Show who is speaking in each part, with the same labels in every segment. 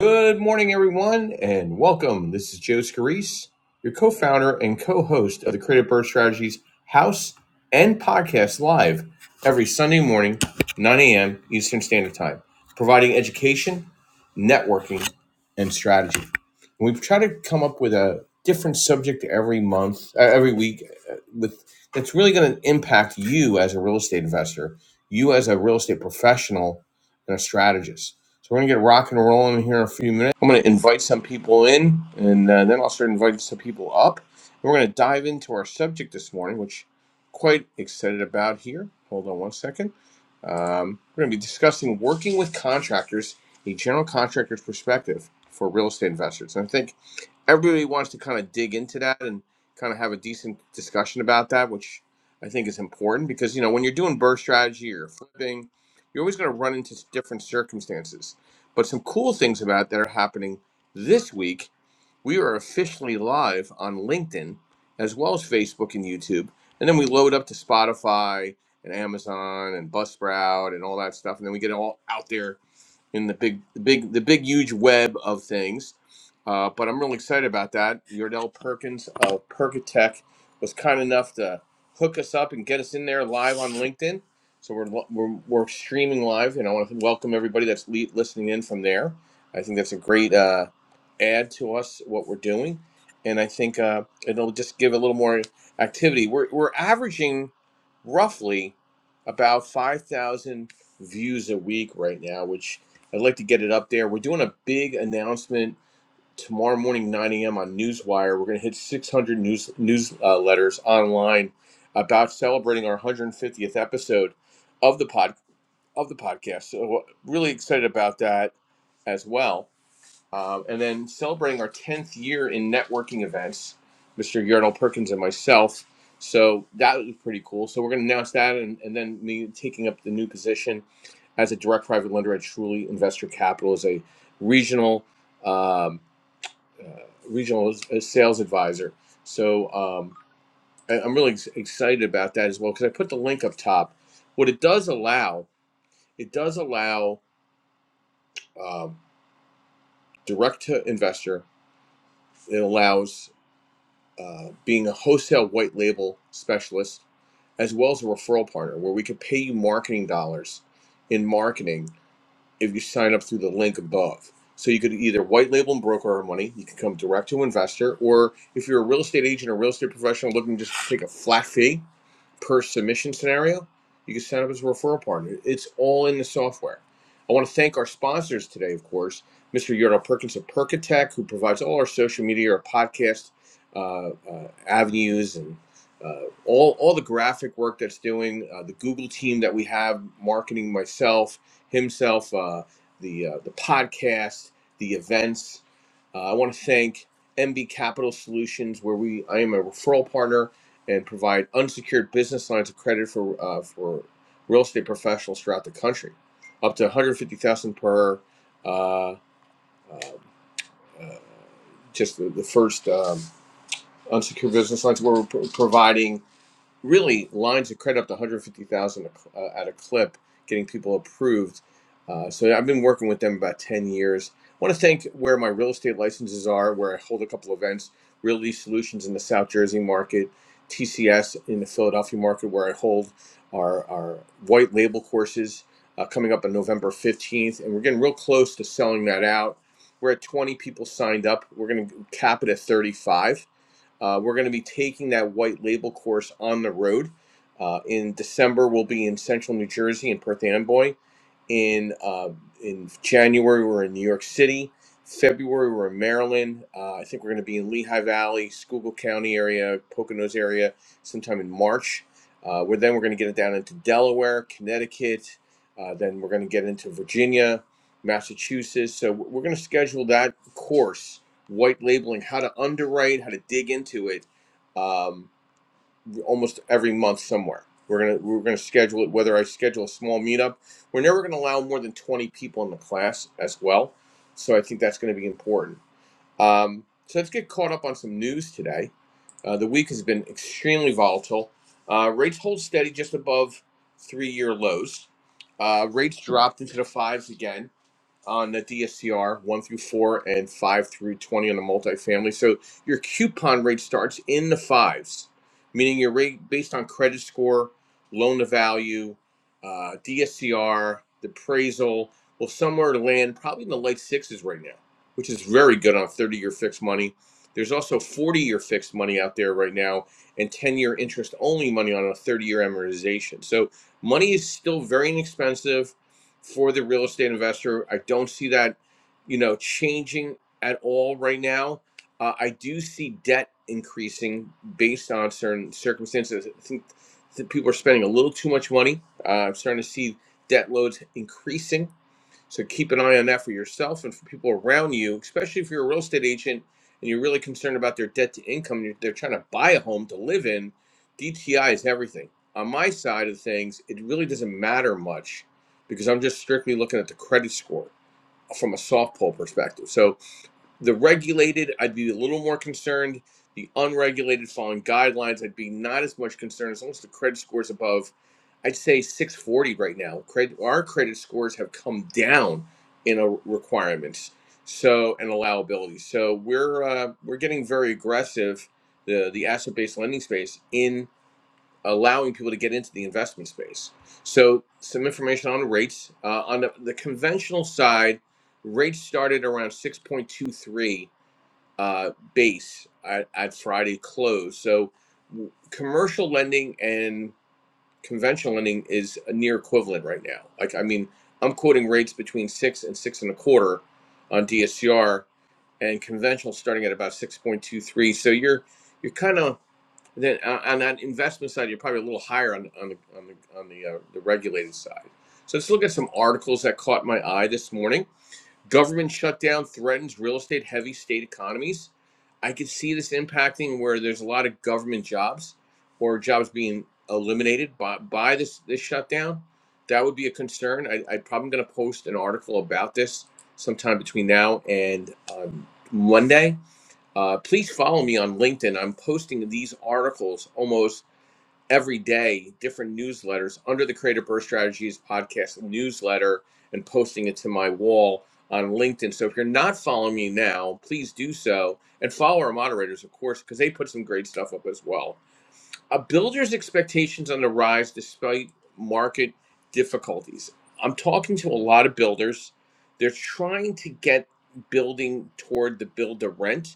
Speaker 1: Good morning, everyone, and welcome. This is Joe Scarice, your co founder and co host of the Creative Birth Strategies House and Podcast Live every Sunday morning, 9 a.m. Eastern Standard Time, providing education, networking, and strategy. And we've tried to come up with a different subject every month, uh, every week, uh, with that's really going to impact you as a real estate investor, you as a real estate professional, and a strategist. So we're going to get rock and rolling here in a few minutes. I'm going to invite some people in, and uh, then I'll start inviting some people up. We're going to dive into our subject this morning, which I'm quite excited about here. Hold on one second. Um, we're going to be discussing working with contractors a general contractor's perspective for real estate investors. And I think everybody wants to kind of dig into that and kind of have a decent discussion about that, which I think is important because, you know, when you're doing burst strategy or flipping, you're always going to run into different circumstances. But some cool things about that are happening this week. We are officially live on LinkedIn as well as Facebook and YouTube. And then we load up to Spotify and Amazon and Buzzsprout and all that stuff. And then we get it all out there in the big, the big, the big, huge web of things. Uh, but I'm really excited about that. Yordell Perkins of Perkatech was kind enough to hook us up and get us in there live on LinkedIn. So we're, we're, we're streaming live, and I want to welcome everybody that's le- listening in from there. I think that's a great uh, add to us what we're doing, and I think uh, it'll just give a little more activity. We're, we're averaging roughly about 5,000 views a week right now, which I'd like to get it up there. We're doing a big announcement tomorrow morning, 9 a.m. on Newswire. We're going to hit 600 news newsletters uh, online about celebrating our 150th episode of the pod of the podcast. So uh, really excited about that as well. Um, and then celebrating our 10th year in networking events, Mr. Yardell Perkins and myself. So that was pretty cool. So we're going to announce that and, and then me taking up the new position as a direct private lender, I truly invest your capital as a regional um, uh, regional uh, sales advisor. So um, I, I'm really ex- excited about that as well because I put the link up top. What it does allow, it does allow um, direct to investor. It allows uh, being a wholesale white label specialist as well as a referral partner, where we could pay you marketing dollars in marketing if you sign up through the link above. So you could either white label and broker our money, you can come direct to investor, or if you're a real estate agent or real estate professional looking just to take a flat fee, per submission scenario, you can set up as a referral partner. It's all in the software. I want to thank our sponsors today, of course, Mr. Yordle Perkins of Perkatech, who provides all our social media, our podcast uh, uh, avenues, and uh, all, all the graphic work that's doing, uh, the Google team that we have, marketing myself, himself, uh, the, uh, the podcast, the events. Uh, I want to thank MB Capital Solutions, where we I am a referral partner and provide unsecured business lines of credit for uh, for real estate professionals throughout the country, up to 150,000 per. Uh, um, uh, just the, the first um, unsecured business lines we're pro- providing really lines of credit up to 150,000 uh, at a clip, getting people approved. Uh, so I've been working with them about 10 years. I want to thank where my real estate licenses are, where I hold a couple events, Realty Solutions in the South Jersey market, TCS in the Philadelphia market, where I hold our, our white label courses uh, coming up on November 15th. And we're getting real close to selling that out. We're at 20 people signed up. We're going to cap it at 35 uh, we're going to be taking that white label course on the road. Uh, in December, we'll be in central New Jersey in Perth Amboy. In uh, in January, we're in New York City. February, we're in Maryland. Uh, I think we're going to be in Lehigh Valley, Schuylkill County area, Poconos area, sometime in March. Uh, we then we're going to get it down into Delaware, Connecticut. Uh, then we're going to get into Virginia, Massachusetts. So we're going to schedule that course white labeling, how to underwrite, how to dig into it, um, almost every month somewhere. We're gonna we're gonna schedule it. Whether I schedule a small meetup, we're never gonna allow more than twenty people in the class as well. So I think that's gonna be important. Um, so let's get caught up on some news today. Uh, the week has been extremely volatile. Uh, rates hold steady just above three-year lows. Uh, rates dropped into the fives again on the DSCR, 1 through 4, and 5 through 20 on the multifamily. So your coupon rate starts in the fives, meaning your rate based on credit score, loan to value, uh, DSCR, the appraisal will somewhere land probably in the late sixes right now, which is very good on 30 year fixed money. There's also 40 year fixed money out there right now and 10 year interest only money on a 30 year amortization. So money is still very inexpensive for the real estate investor. I don't see that, you know, changing at all right now. Uh, I do see debt increasing based on certain circumstances. I think that people are spending a little too much money. Uh, I'm starting to see debt loads increasing so keep an eye on that for yourself and for people around you, especially if you're a real estate agent and you're really concerned about their debt to income and you're, they're trying to buy a home to live in. DTI is everything. On my side of things, it really doesn't matter much because I'm just strictly looking at the credit score from a soft pull perspective. So the regulated, I'd be a little more concerned. The unregulated, following guidelines, I'd be not as much concerned as long as the credit scores above. I'd say 640 right now. Credit, our credit scores have come down in a requirements, so and allowability. So we're uh, we're getting very aggressive, the the asset based lending space in allowing people to get into the investment space. So some information on rates uh, on the, the conventional side, rates started around 6.23 uh, base at, at Friday close. So commercial lending and conventional lending is a near equivalent right now. Like, I mean, I'm quoting rates between six and six and a quarter on DSCR and conventional starting at about 6.23. So you're, you're kind of, then on on that investment side, you're probably a little higher on, on the, on the, on the, uh, the regulated side. So let's look at some articles that caught my eye this morning. Government shutdown threatens real estate heavy state economies. I could see this impacting where there's a lot of government jobs or jobs being eliminated by, by this, this shutdown. That would be a concern. I, I'm probably going to post an article about this sometime between now and um, Monday. Uh, please follow me on LinkedIn. I'm posting these articles almost every day different newsletters under the Creative Birth Strategies podcast newsletter and posting it to my wall on LinkedIn. So if you're not following me now, please do so and follow our moderators, of course, because they put some great stuff up as well. A builder's expectations on the rise despite market difficulties. I'm talking to a lot of builders. They're trying to get building toward the build to rent.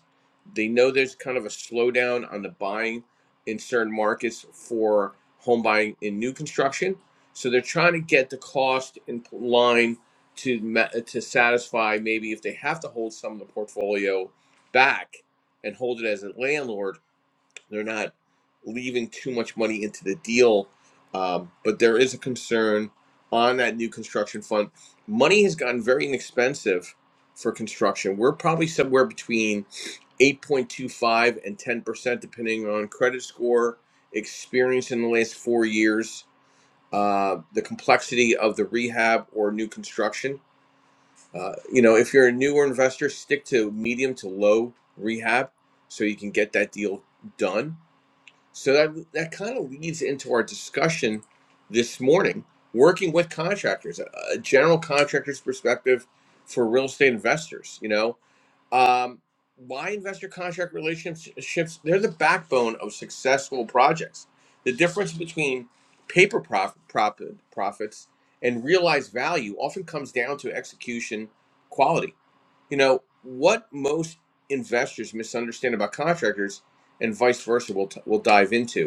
Speaker 1: They know there's kind of a slowdown on the buying in certain markets for home buying in new construction. So they're trying to get the cost in line to ma- to satisfy maybe if they have to hold some of the portfolio back and hold it as a landlord they're not leaving too much money into the deal, um, but there is a concern on that new construction fund. Money has gotten very inexpensive for construction. We're probably somewhere between 8.25 and 10%, depending on credit score, experience in the last four years, uh, the complexity of the rehab or new construction. Uh, you know, if you're a newer investor, stick to medium to low rehab so you can get that deal done so that that kind of leads into our discussion this morning, working with contractors, a, a general contractor's perspective for real estate investors. You know, um, why investor contract relationships? They're the backbone of successful projects. The difference between paper prof- profit, profits and realized value often comes down to execution quality. You know, what most investors misunderstand about contractors and vice versa, we'll, t- we'll dive into.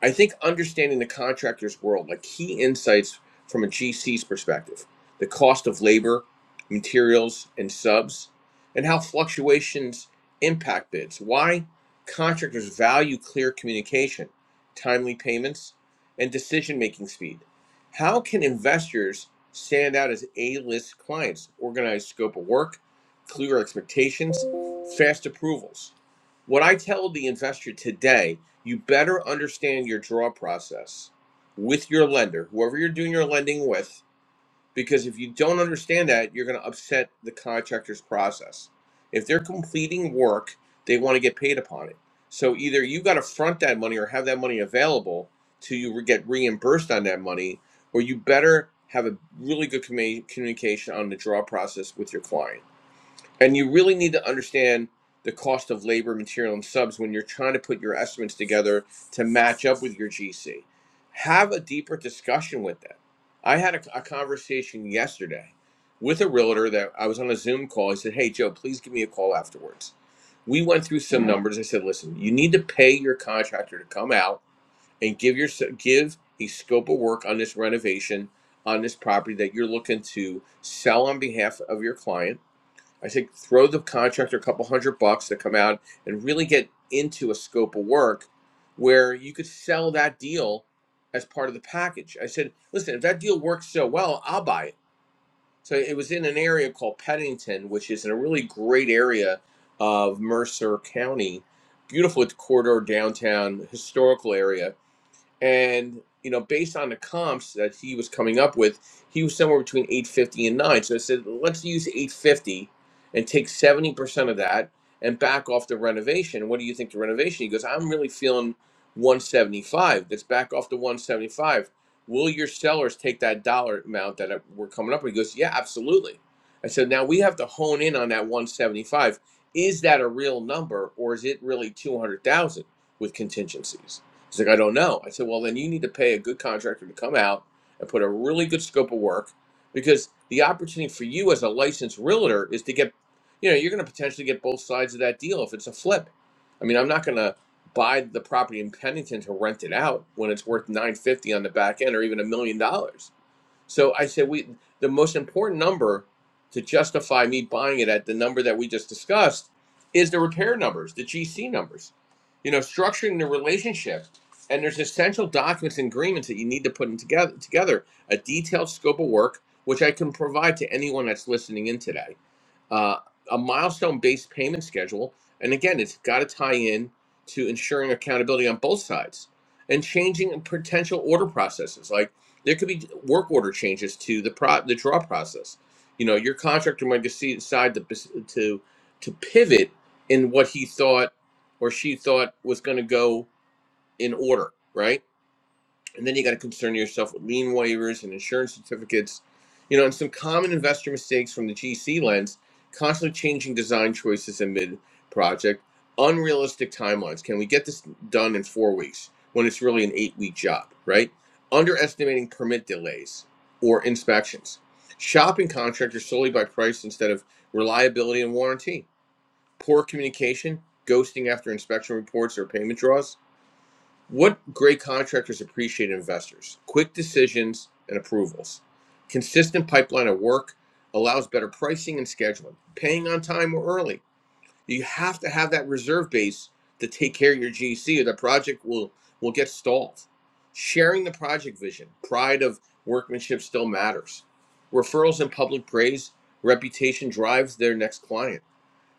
Speaker 1: I think understanding the contractor's world, like key insights from a GC's perspective, the cost of labor, materials, and subs, and how fluctuations impact bids. Why contractors value clear communication, timely payments, and decision making speed. How can investors stand out as A list clients? Organized scope of work, clear expectations, fast approvals. What I tell the investor today you better understand your draw process with your lender, whoever you're doing your lending with, because if you don't understand that, you're going to upset the contractor's process. If they're completing work, they want to get paid upon it. So either you got to front that money or have that money available till you re- get reimbursed on that money, or you better have a really good commu- communication on the draw process with your client and you really need to understand the cost of labor, material, and subs when you're trying to put your estimates together to match up with your GC. Have a deeper discussion with them. I had a, a conversation yesterday with a realtor that I was on a Zoom call. He said, Hey, Joe, please give me a call afterwards. We went through some numbers. I said, Listen, you need to pay your contractor to come out and give your give a scope of work on this renovation on this property that you're looking to sell on behalf of your client I think throw the contractor a couple hundred bucks to come out and really get into a scope of work where you could sell that deal as part of the package. I said, listen, if that deal works so well, I'll buy it. So it was in an area called Pennington, which is in a really great area of Mercer County. Beautiful corridor downtown, historical area and you know based on the comps that he was coming up with he was somewhere between 850 and 9 so i said let's use 850 and take 70% of that and back off the renovation what do you think the renovation he goes i'm really feeling 175 let's back off the 175 will your sellers take that dollar amount that we're coming up with he goes yeah absolutely i said now we have to hone in on that 175 is that a real number or is it really 200000 with contingencies He's like, I don't know. I said, well, then you need to pay a good contractor to come out and put a really good scope of work because the opportunity for you as a licensed realtor is to get, you know, you're going to potentially get both sides of that deal if it's a flip. I mean, I'm not going to buy the property in Pennington to rent it out when it's worth 950 on the back end or even a million dollars so I said, we the most important number to justify me buying it at the number that we just discussed is the repair numbers, the GC numbers. You know, structuring the relationship. And there's essential documents and agreements that you need to put in together together, a detailed scope of work, which I can provide to anyone that's listening in today. Uh, a milestone-based payment schedule. And again, it's got to tie in to ensuring accountability on both sides and changing potential order processes. Like there could be work order changes to the pro the draw process. You know, your contractor might decide to to to pivot in what he thought or she thought was going to go in order, right? And then you got to concern yourself with lien waivers and insurance certificates, you know, and some common investor mistakes from the GC lens, constantly changing design choices in mid project, unrealistic timelines. Can we get this done in four weeks when it's really an eight week job, right? Underestimating permit delays or inspections, shopping contractors solely by price instead of reliability and warranty, poor communication, ghosting after inspection reports or payment draws what great contractors appreciate investors? Quick decisions and approvals. Consistent pipeline of work allows better pricing and scheduling. Paying on time or early. You have to have that reserve base to take care of your GC or the project will, will get stalled. Sharing the project vision. Pride of workmanship still matters. Referrals and public praise. Reputation drives their next client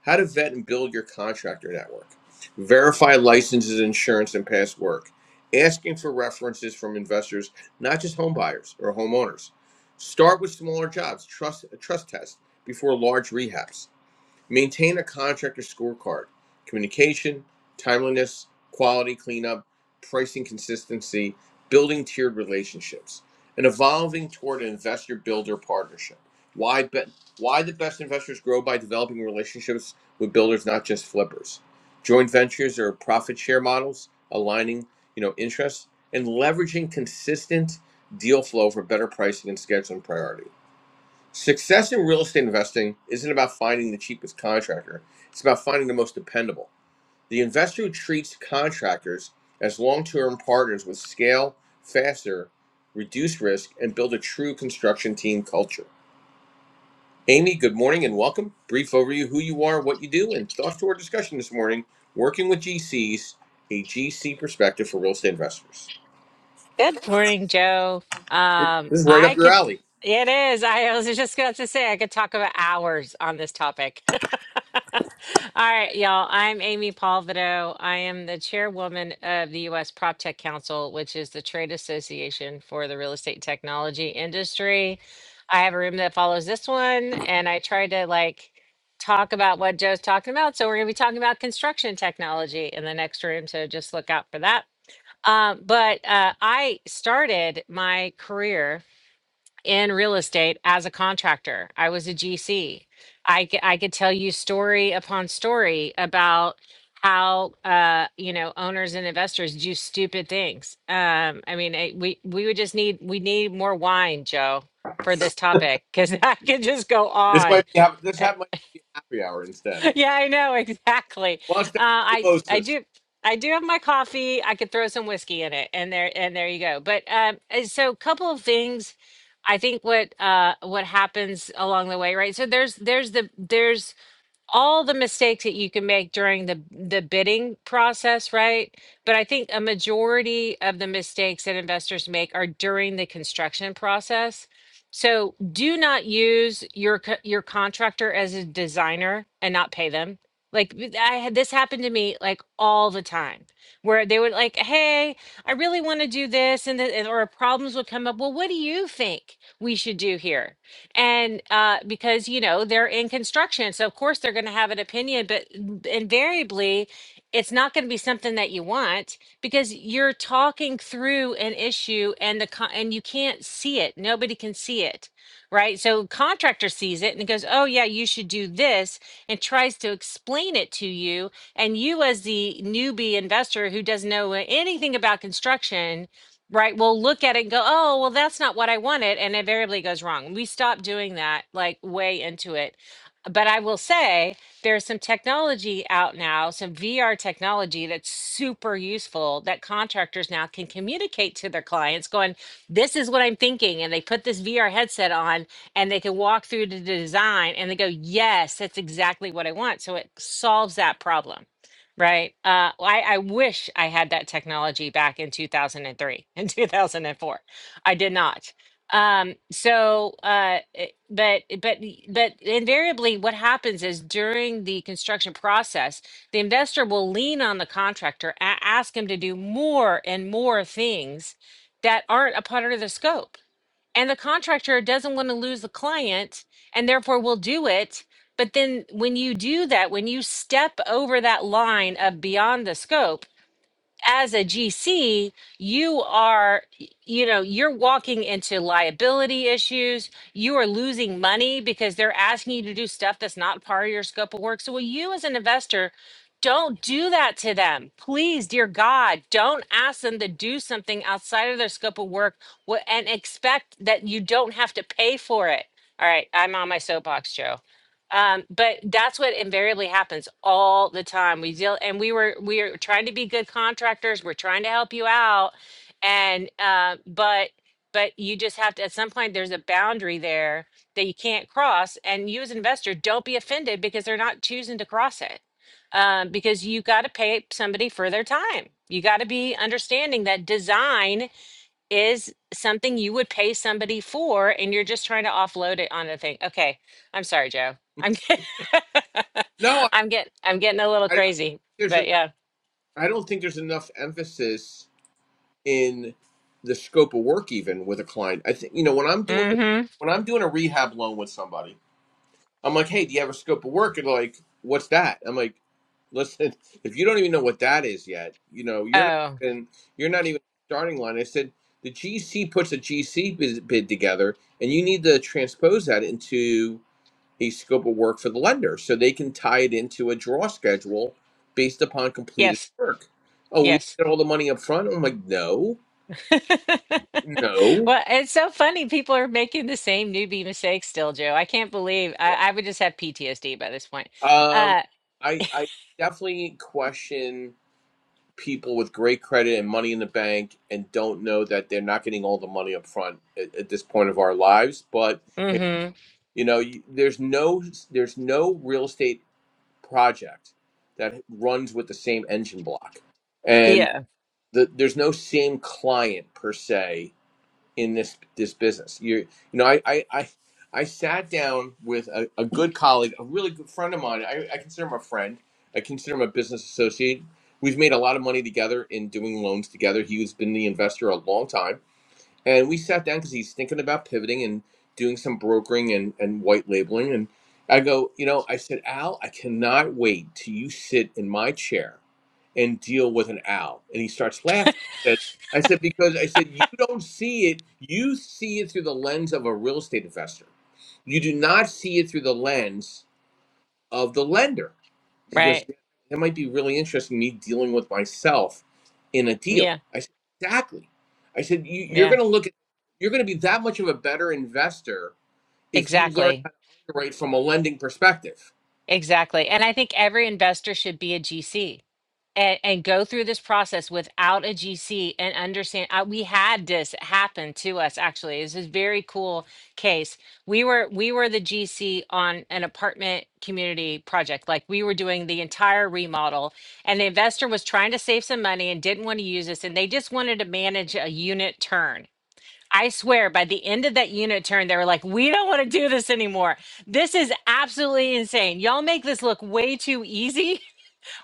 Speaker 1: how to vet and build your contractor network. Verify licenses, insurance, and past work. Asking for references from investors, not just home buyers or homeowners. Start with smaller jobs, trust trust test before large rehabs Maintain a contractor scorecard. Communication, timeliness, quality cleanup, pricing consistency, building tiered relationships, and evolving toward an investor builder partnership. Why be- why the best investors grow by developing relationships with builders, not just flippers. Joint ventures or profit share models, aligning, you know, interests and leveraging consistent deal flow for better pricing and scheduling priorities Success in real estate investing isn't about finding the cheapest contractor, it's about finding the most dependable. The investor who treats contractors as long term partners with scale, faster, reduce risk, and build a true construction team culture. Amy, good morning and welcome. Brief overview who you are, what you do, and thoughts to our discussion this morning working with GCs, a GC perspective for real estate investors.
Speaker 2: Good morning, Joe. Um,
Speaker 1: This is right up
Speaker 2: I
Speaker 1: your
Speaker 2: could,
Speaker 1: alley.
Speaker 2: it is. I was just about to say, I could talk about hours on this topic. All right, y'all. I'm Amy Palvido. I am the chairwoman of the U.S. PropTech Council, which is the trade association for the real estate technology industry. I have a room that follows this one, and I try to like talk about what Joe's talking about. So, we're going to be talking about construction technology in the next room. So, just look out for that. Um, but uh, I started my career in real estate as a contractor. I was a GC. I, c- I could tell you story upon story about how uh, you know owners and investors do stupid things. Um, I mean, I, we we would just need we need more wine, Joe, for this topic because I could just go
Speaker 1: This
Speaker 2: on.
Speaker 1: might be, this
Speaker 2: eh,
Speaker 1: might be happy hour instead.
Speaker 2: yeah, I know exactly.
Speaker 1: Well, it's
Speaker 2: Uh,
Speaker 1: down to the
Speaker 2: I I
Speaker 1: Moses.
Speaker 2: do I do have my coffee. I could throw some whiskey in it, and there and there you go. But um, uh, so a couple of things. I think what uh what happens along the way, right? So there's there's the there's all the mistakes that you can make during the the bidding process, right? But I think a majority of the mistakes that investors make are during the construction process. So do not use your co- your contractor as a designer and not pay them. Like th- I had this happen to me like all the time, where they would like, "Hey, I really want to do this," and, the, and or problems would come up. Well, what do you think we should do here? and uh, because you know they're in construction so of course they're going to have an opinion but invariably it's not going to be something that you want because you're talking through an issue and the con- and you can't see it nobody can see it right so contractor sees it and goes oh yeah you should do this and tries to explain it to you and you as the newbie investor who doesn't know anything about construction right? We'll look at it and go, oh, well, that's not what I wanted. And invariably goes wrong. We stop doing that like way into it. But I will say there's some technology out now, some VR technology that's super useful that contractors now can communicate to their clients, going, This is what I'm thinking. And they put this VR headset on and they can walk through the design and they go, Yes, that's exactly what I want. So it solves that problem Right. Uh, well, I, I wish I had that technology back in 2003 and 2004. I did not. Um, so, uh, it- but, but, the- but invariably what happens is during the construction process, the investor will lean on the contractor, a- ask him to do more and more things that aren't a part of the scope and the contractor doesn't want to lose the client and therefore will do it but then when you do that when you step over that line of beyond the scope as a GC, you are, you know, you're walking into liability issues. You are losing money because they're asking you to do stuff that's not part of your scope of work. So, will you as an investor, don't do that to them. Please, dear God, don't ask them to do something outside of their scope of work wh- and expect that you don't have to pay for it. All right, I'm on my soapbox, Joe um but that's what invariably happens all the time we deal and we were we are trying to be good contractors we're trying to help you out and uh but but you just have to at some point there's a boundary there that you can't cross and you as an investor don't be offended because they're not choosing to cross it um, because you got to pay somebody for their time you got to be understanding that design is something you would pay somebody for and you're just trying to offload it on a thing. Okay. I'm sorry, Joe. I'm get-
Speaker 1: No,
Speaker 2: I'm getting I'm getting a little crazy.
Speaker 1: there's
Speaker 2: But
Speaker 1: enough,
Speaker 2: yeah.
Speaker 1: I don't think there's enough emphasis in the scope of work even with a client. I think you know when I'm doing a,
Speaker 2: Mm-hmm.
Speaker 1: when I'm doing a rehab loan with somebody, I'm like, hey, do you have a scope of work? And they're like, what's that? I'm like, listen, if you don't even know what that is yet, you know, you're not
Speaker 2: Oh,
Speaker 1: even you're not even starting line. I said the GC puts a GC bid bid together, and you need to transpose that into a scope of work for the lender so they can tie it into a draw schedule based upon completed
Speaker 2: yes.
Speaker 1: work. Oh, we don't
Speaker 2: Yes.
Speaker 1: get all the money up front? I'm like, no, no.
Speaker 2: well, it's so funny. People are making the same newbie mistakes still, Joe. I can't believe I, I would just have PTSD by this point.
Speaker 1: Um,
Speaker 2: Uh
Speaker 1: I, I definitely question people with great credit and money in the bank and don't know that they're not getting all the money up front at, at this point of our lives. But,
Speaker 2: mm-hmm.
Speaker 1: you know, you, there's no there's no real estate project that runs with the same engine block and.
Speaker 2: Yeah.
Speaker 1: the, there's no same client per se in this this business. You you know, I I I, I sat down with a, a good colleague, a really good friend of mine. I, I consider him a friend. I consider him a business associate. We've made a lot of money together in doing loans together. He's been the investor a long time and we sat down because he's thinking about pivoting and doing some brokering and, and white labeling and i go you know i said al i cannot wait till you sit in my chair and deal with an al and he starts laughing I said, I said because i said you don't see it you see it through the lens of a real estate investor you do not see it through the lens of the lender. He goes,
Speaker 2: Right.
Speaker 1: "Yeah, that might be really interesting, me dealing with myself in a deal.
Speaker 2: Yeah.
Speaker 1: I said, exactly. I said, you, you're
Speaker 2: Yeah.
Speaker 1: going to look at, you're going to be that much of a better investor if you learn
Speaker 2: Exactly.
Speaker 1: how to underwrite from a lending perspective.
Speaker 2: Exactly. And I think every investor should be a GC and, and go through this process without a GC and understand. Uh, we had this happen to us actually. This is a very cool case. We were we were the GC on an apartment community project. Like we were doing the entire remodel, and the investor was trying to save some money and didn't want to use us, and they just wanted to manage a unit turn. I swear, by the end of that unit turn, they were like, "We don't want to do this anymore. This is absolutely insane. Y'all make this look way too easy."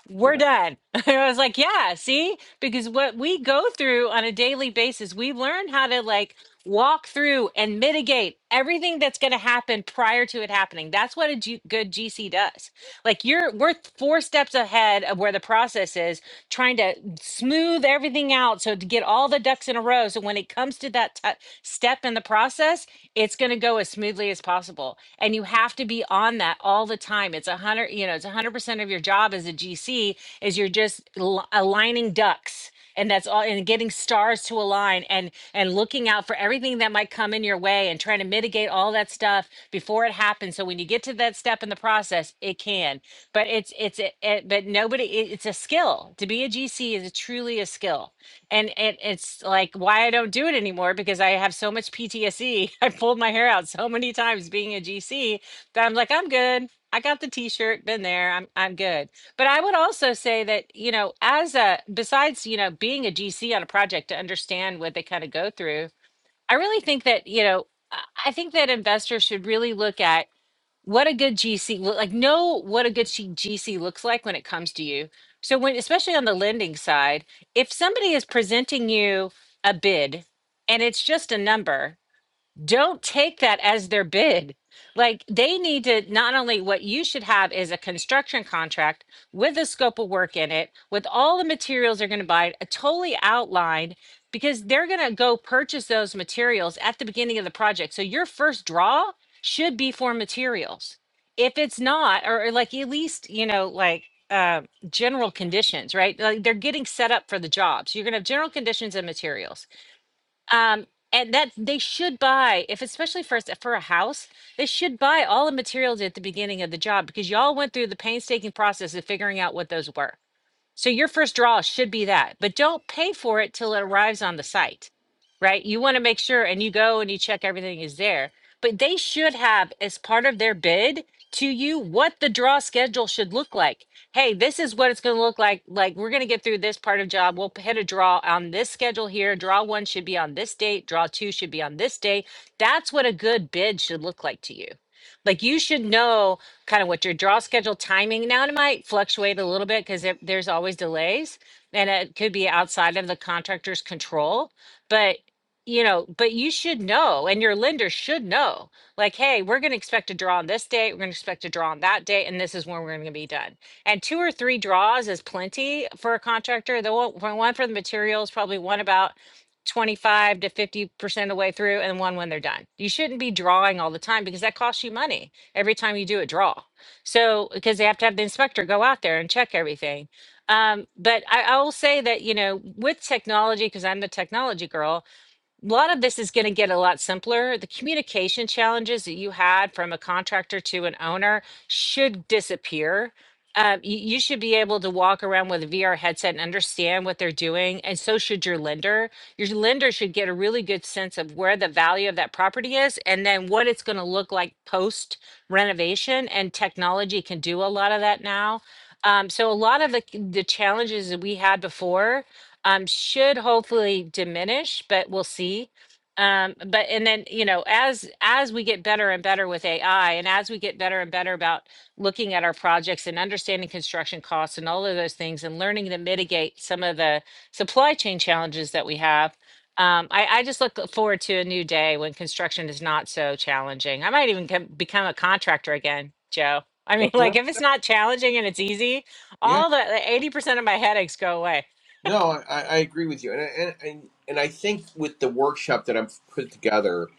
Speaker 2: we're
Speaker 1: Yeah.
Speaker 2: done. I was like, yeah, see, because what we go through on a daily basis, we learn how to like walk through and mitigate everything that's going to happen prior to it happening. That's what a G- good GC does. Like you're we're four steps ahead of where the process is, trying to smooth everything out so to get all the ducks in a row. So when it comes to that t- step in the process, it's going to go as smoothly as possible. And you and you have to be on that all the time it's a hundred you know it's a hundred percent of your job as a gc is you're just al- aligning ducks and that's all and getting stars to align and and looking out for everything that might come in your way and trying to mitigate all that stuff before it happens so when you get to that step in the process it can but it's it's it, it, but nobody it, it's a skill to be a gc is truly a skill and it, it's like why I don't do it anymore because I have so much PTSD. I pulled my hair out so many times being a GC that I'm like, I'm good. I got the t-shirt, been there. I'm I'm good. But I would also say that, you know, as a besides, you know, being a GC on a project to understand what they kind of go through, I really think that, you know, I I think that investors should really look at what a good GC look like know what a good she- GC looks like when it comes to you. So when especially on the lending side, if somebody is presenting you a bid and it's just a number, don't take that as their bid. Like they need to not only what you should have is a construction contract with a scope of work in it, with all the materials they're going to buy, uh, totally outlined because they're going to go purchase those materials at the beginning of the project. So your first draw should be for materials. If it's not, or, or like at least, you know, like uh, general conditions, right? Like they're getting set up for the jobs. You're going to have general conditions and materials um, and that they should buy, if especially for s- for a house, they should buy all the materials at the beginning of the job because y'all went through the painstaking process of figuring out what those were. So your first draw should be that, but don't pay for it till it arrives on the site, right? You want to make sure and you go and you check everything is there. But they should have, as part of their bid to you, what the draw schedule should look like. Hey, this is what it's going to look like. Like, we're going to get through this part of job. We'll hit a draw on this schedule here. Draw one should be on this date. Draw two should be on this date. That's what a good bid should look like to you. Like, you should know kind of what your draw schedule timing. Now it might fluctuate a little bit because there, there's always delays, and it could be outside of the contractor's control. But you know, but you should know, and your lender should know, like, hey, we're going to expect a draw on this date, we're going to expect a draw on that date, and this is when we're going to be done. And two or three draws is plenty for a contractor. The one for one for the materials, probably one about 25 to 50% of the way through and one when they're done. You shouldn't be drawing all the time because that costs you money every time you do a draw. So because they have to have the inspector go out there and check everything. Um, but I, I will say that you know with technology, because I'm the technology girl, a lot of this is going to get a lot simpler. The communication challenges that you had from a contractor to an owner should disappear. Um, you, you should be able to walk around with a VR headset and understand what they're doing, and so should your lender. Your lender should get a really good sense of where the value of that property is and then what it's going to look like post renovation. And technology can do a lot of that now. Um, so, a lot of the, the challenges that we had before um, should hopefully diminish, but we'll see. Um, but and then you know, as as we get better and better with AI, and as we get better and better about looking at our projects and understanding construction costs and all of those things, and learning to mitigate some of the supply chain challenges that we have, um, I, I just look forward to a new day when construction is not so challenging. I might even come, become a contractor again, Joe. I mean,
Speaker 1: Nothing
Speaker 2: like
Speaker 1: wrong.
Speaker 2: if it's not challenging and it's easy,
Speaker 1: Yeah.
Speaker 2: all the eighty percent of my headaches go away.
Speaker 1: No, I, I I agree with you. And, I- and, and, and I think with the workshop that I've put together,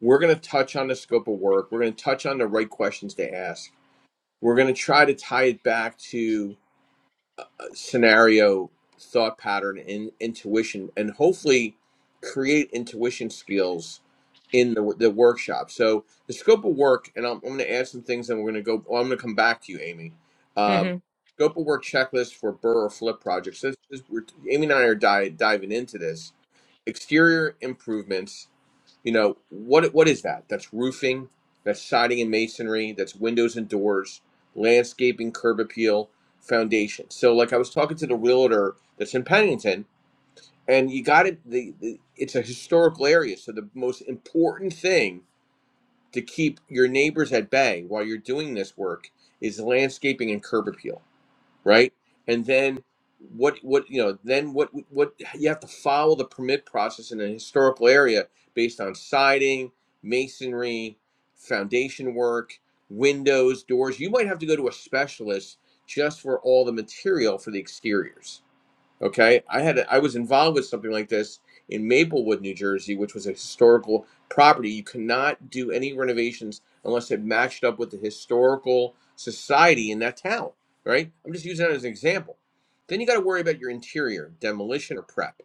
Speaker 1: we're going to touch on the scope of work. We're going to touch on the right questions to ask. We're going to try to tie it back to scenario thought pattern and intuition and hopefully create intuition skills in the, the workshop so the scope of work and i'm, I'm going to add some things and we're going to go well, i'm going to come back to you amy um,
Speaker 2: Mm-hmm.
Speaker 1: scope of work checklist for burr or flip projects this, this, we're, amy and i are di- diving into this exterior improvements you know, what what is that? That's roofing, that's siding and masonry, that's windows and doors, landscaping, curb appeal, foundation. So like I was talking to the realtor that's in Pennington and you got it the, the it's a historical area, so the most important thing to keep your neighbors at bay while you're doing this work is landscaping and curb appeal right? And then what what you know then what what you have to follow the permit process in a historical area based on siding, masonry, foundation work, windows, doors. You might have to go to a specialist just for all the material for the exteriors Okay, I had a, I was involved with something like this in Maplewood, New Jersey, which was a historical property. You cannot do any renovations unless it matched up with the historical society in that town. Right? I'm just using that as an example. Then you got to worry about your interior demolition or prep,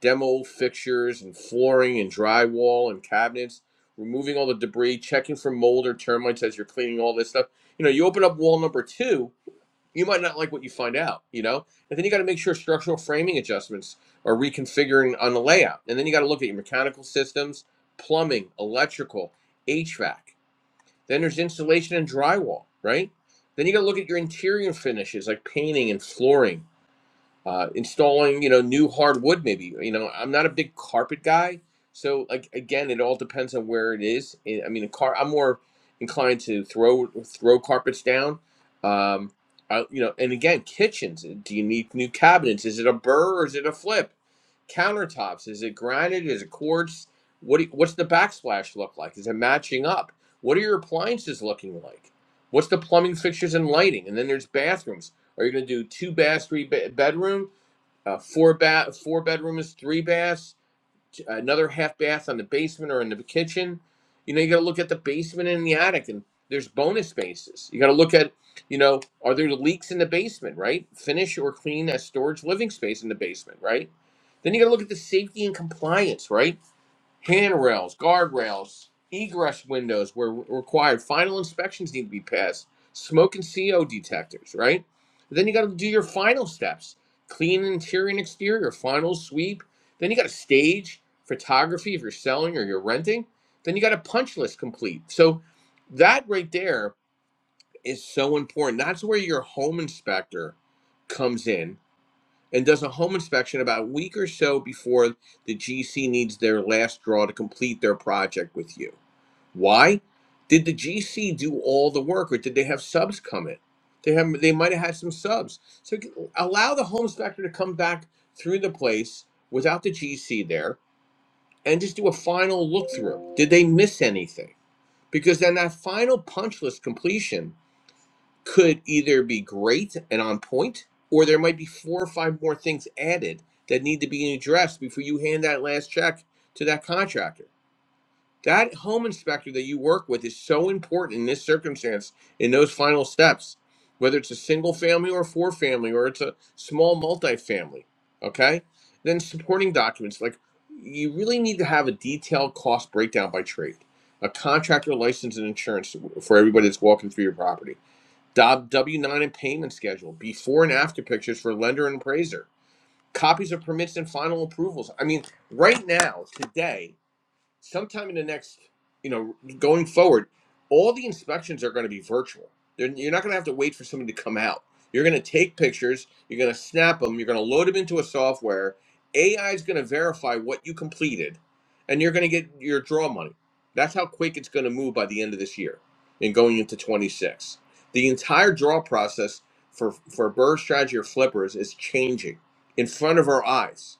Speaker 1: demo fixtures and flooring and drywall and cabinets, removing all the debris, checking for mold or termites as you're cleaning all this stuff. You know, you open up wall number two you might not like what you find out, you know? And then you got to make sure structural framing adjustments are reconfiguring on the layout. And then you got to look at your mechanical systems, plumbing, electrical, HVAC. Then there's insulation and drywall, right? Then you got to look at your interior finishes like painting and flooring uh, installing you know new hardwood maybe you know i'm not a big carpet guy so like again it all depends on where it is i mean a car i'm more inclined to throw throw carpets down um I, you know and again kitchens do you need new cabinets is it a burr or is it a flip countertops is it granite is it quartz what do, you, what's the backsplash look like is it matching up what are your appliances looking like what's the plumbing fixtures and lighting and then there's bathrooms are you going to do two bath three be- bedroom uh, four bath, four bedrooms, three baths, another half bath on the basement or in the kitchen. You know, you got to look at the basement and the attic, and there's bonus spaces. You got to look at, you know, are there leaks in the basement, right? Finish or clean a storage living space in the basement, right? Then you got to look at the safety and compliance, right? handrails, guardrails, egress windows where required. Final inspections need to be passed. Smoke and CO detectors, right? Then you got to do your final steps: clean interior and exterior, final sweep. Then you got to stage photography if you're selling or you're renting. Then you got a punch list complete. So that right there is so important. That's where your home inspector comes in and does a home inspection about a week or so before the GC needs their last draw to complete their project with you. Why? Did the GC do all the work or did they have subs come in? They have they might have had some subs. So allow the home inspector to come back through the place without the GC there and just do a final look through. Did they miss anything? Because then that final punch list completion could either be great and on point, or there might be four or five more things added that need to be addressed before you hand that last check to that contractor. That home inspector that you work with is so important in this circumstance, in those final steps, whether it's a single family or a four family, or it's a small multifamily. Okay? Then supporting documents like you really need to have a detailed cost breakdown by trade, a contractor license and insurance for everybody that's walking through your property W 9 and payment schedule, before and after pictures for lender and appraiser, copies of permits and final approvals. I mean, right now, today, sometime in the next, you know, going forward, all the inspections are going to be virtual. They're, you're not going to have to wait for somebody to come out. You're going to take pictures, you're going to snap them, you're going to load them into a software. AI is going to verify what you completed, and you're going to get your draw money. That's how quick it's going to move by the end of this year and going into 26. The entire draw process for, for bird strategy or flippers is changing in front of our eyes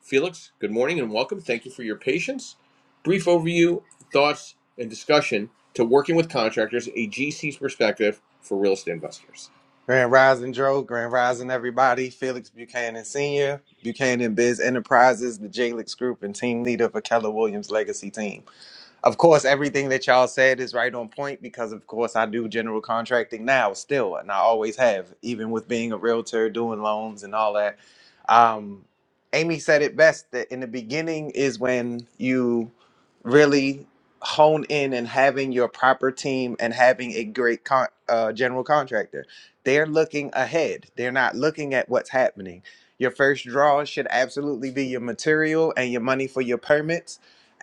Speaker 1: Felix, good morning and welcome. Thank you for your patience. Brief overview, thoughts, and discussion to working with contractors, a GC's perspective for real estate investors.
Speaker 3: Grand Rising Joe, Grand Rising everybody, Felix Buchanan Sr., Buchanan Biz Enterprises, the Jalix Group, and team leader for Keller Williams Legacy Team. Of course, everything that y'all said is right on point because, of course, I do general contracting now still, and I always have, even with being a realtor, doing loans and all that. Um, Amy said it best that in the beginning is when you really hone in and having your proper team and having a great con- uh, general contractor. They're looking ahead, they're not looking at what's happening. Your first draw should absolutely be your material and your money for your permits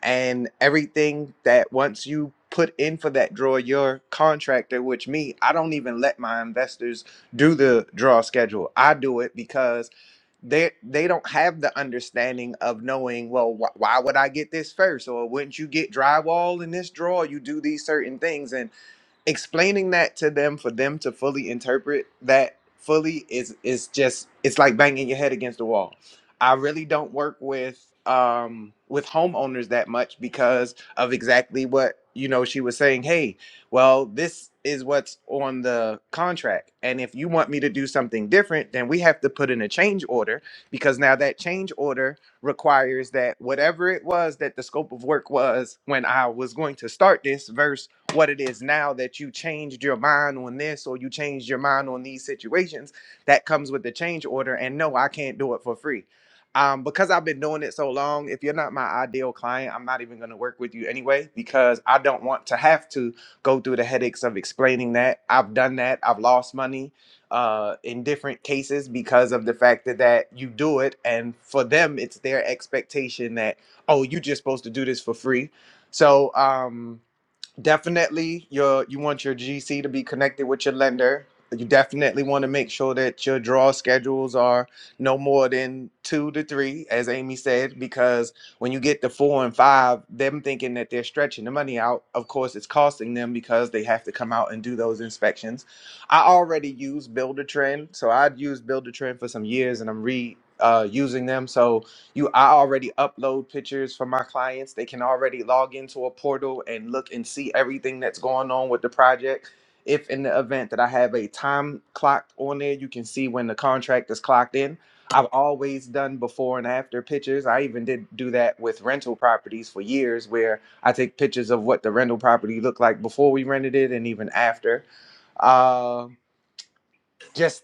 Speaker 3: and everything that once you put in for that draw your contractor which me i don't even let my investors do the draw schedule i do it because they they don't have the understanding of knowing well wh- why would i get this first or wouldn't you get drywall in this draw? you do these certain things and explaining that to them for them to fully interpret that fully is is just it's like banging your head against the wall. I really don't work with um with homeowners that much because of exactly what you know she was saying, "Hey, well, this is what's on the contract. And if you want me to do something different, then we have to put in a change order because now that change order requires that whatever it was that the scope of work was when I was going to start this verse what it is now that you changed your mind on this or you changed your mind on these situations that comes with the change order and no i can't do it for free um, because i've been doing it so long if you're not my ideal client i'm not even going to work with you anyway because i don't want to have to go through the headaches of explaining that i've done that i've lost money uh, in different cases because of the fact that, that you do it and for them it's their expectation that oh you're just supposed to do this for free so um, definitely your you want your GC to be connected with your lender. You definitely want to make sure that your draw schedules are no more than two to three, as Amy said, because when you get to four and five, them thinking that they're stretching the money out, of course, it's costing them because they have to come out and do those inspections. I already use Builder Trend, so I'd used Builder Trend for some years, and I'm re uh, using them. So you i already upload pictures for my clients they can already log into a portal and look and see everything that's going on with the project if in the event that i have a time clock on there you can see when the contract is clocked in i've always done before and after pictures i even did do that with rental properties for years where i take pictures of what the rental property looked like before we rented it and even after Um just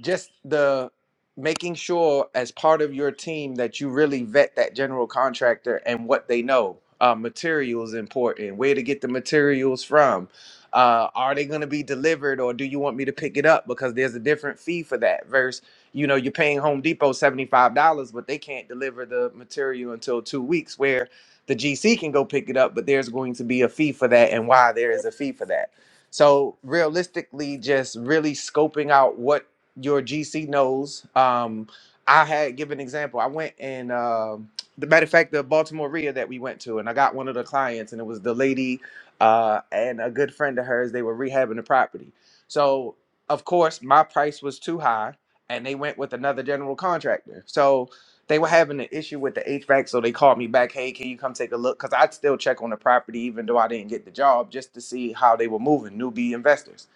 Speaker 3: just the making sure as part of your team that you really vet that general contractor and what they know uh, materials important where to get the materials from uh, are they going to be delivered or do you want me to pick it up because there's a different fee for that versus you know you're paying home depot $75 but they can't deliver the material until two weeks where the gc can go pick it up but there's going to be a fee for that and why there is a fee for that so realistically, just really scoping out what your GC knows. Um, I had give an example. I went and um the matter of fact, the Baltimore RIA that we went to, and I got one of the clients, and it was the lady uh, and a good friend of hers. They were rehabbing the property. So of course, my price was too high, and they went with another general contractor. So they were having an issue with the HVAC, so they called me back. Hey, can you come take a look? Because I'd still check on the property, even though I didn't get the job, just to see how they were moving, newbie investors.